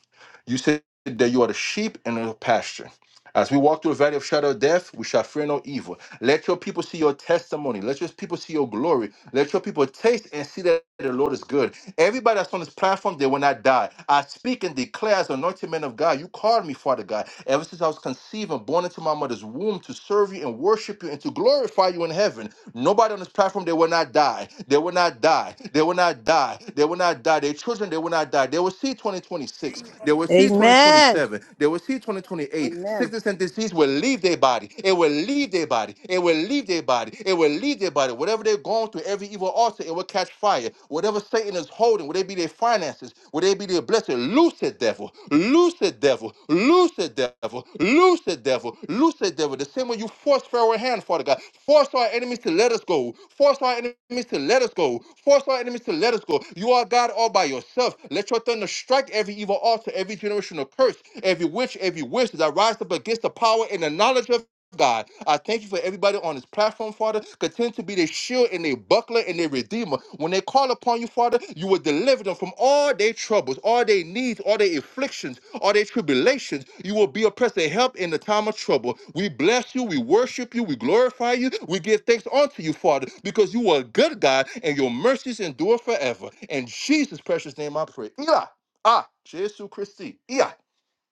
S1: You said that you are the sheep in the pasture. As we walk through the valley of shadow of death, we shall fear no evil. Let your people see your testimony. Let your people see your glory. Let your people taste and see that the Lord is good. Everybody that's on this platform, they will not die. I speak and declare as anointed man of God, you called me, Father God. Ever since I was conceived and born into my mother's womb to serve you and worship you and to glorify you in heaven. Nobody on this platform, they will not die. They will not die. They will not die. They will not die. Their children, they will not die. They will see 2026. They will see
S5: Amen.
S1: 2027. They will see 2028.
S5: Amen.
S1: Sickness and disease will leave their body. It will leave their body. It will leave their body. It will leave their body. Whatever they're going through, every evil altar, it will catch fire. Whatever Satan is holding, whether it be their finances, whether it be their blessing, loose it, devil. Loose it, devil. Loose it, devil. Loose it, devil. Loose it, devil. The same way you force Pharaoh's hand, Father God. Force our enemies to let us go. Force our enemies to let us go. Force our enemies to let us go. You are God all by yourself. Let your thunder strike every evil altar, every every generational curse, every witch, every witch that rise up against the power and the knowledge of God. I thank you for everybody on this platform, Father. Continue to be their shield and their buckler and their redeemer. When they call upon you, Father, you will deliver them from all their troubles, all their needs, all their afflictions, all their tribulations. You will be a present help in the time of trouble. We bless you, we worship you, we glorify you, we give thanks unto you, Father, because you are a good God and your mercies endure forever. In Jesus' precious name I pray. Eli. Ah, Jesus Christi. Yeah.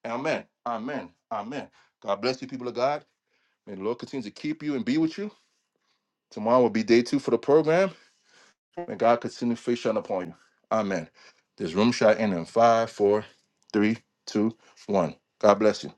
S1: Amen. Amen. Amen. God bless you, people of God. May the Lord continue to keep you and be with you. Tomorrow will be day two for the program. May God continue to face shine upon you. Amen. This room shall end in five, four, three, two, one. God bless you.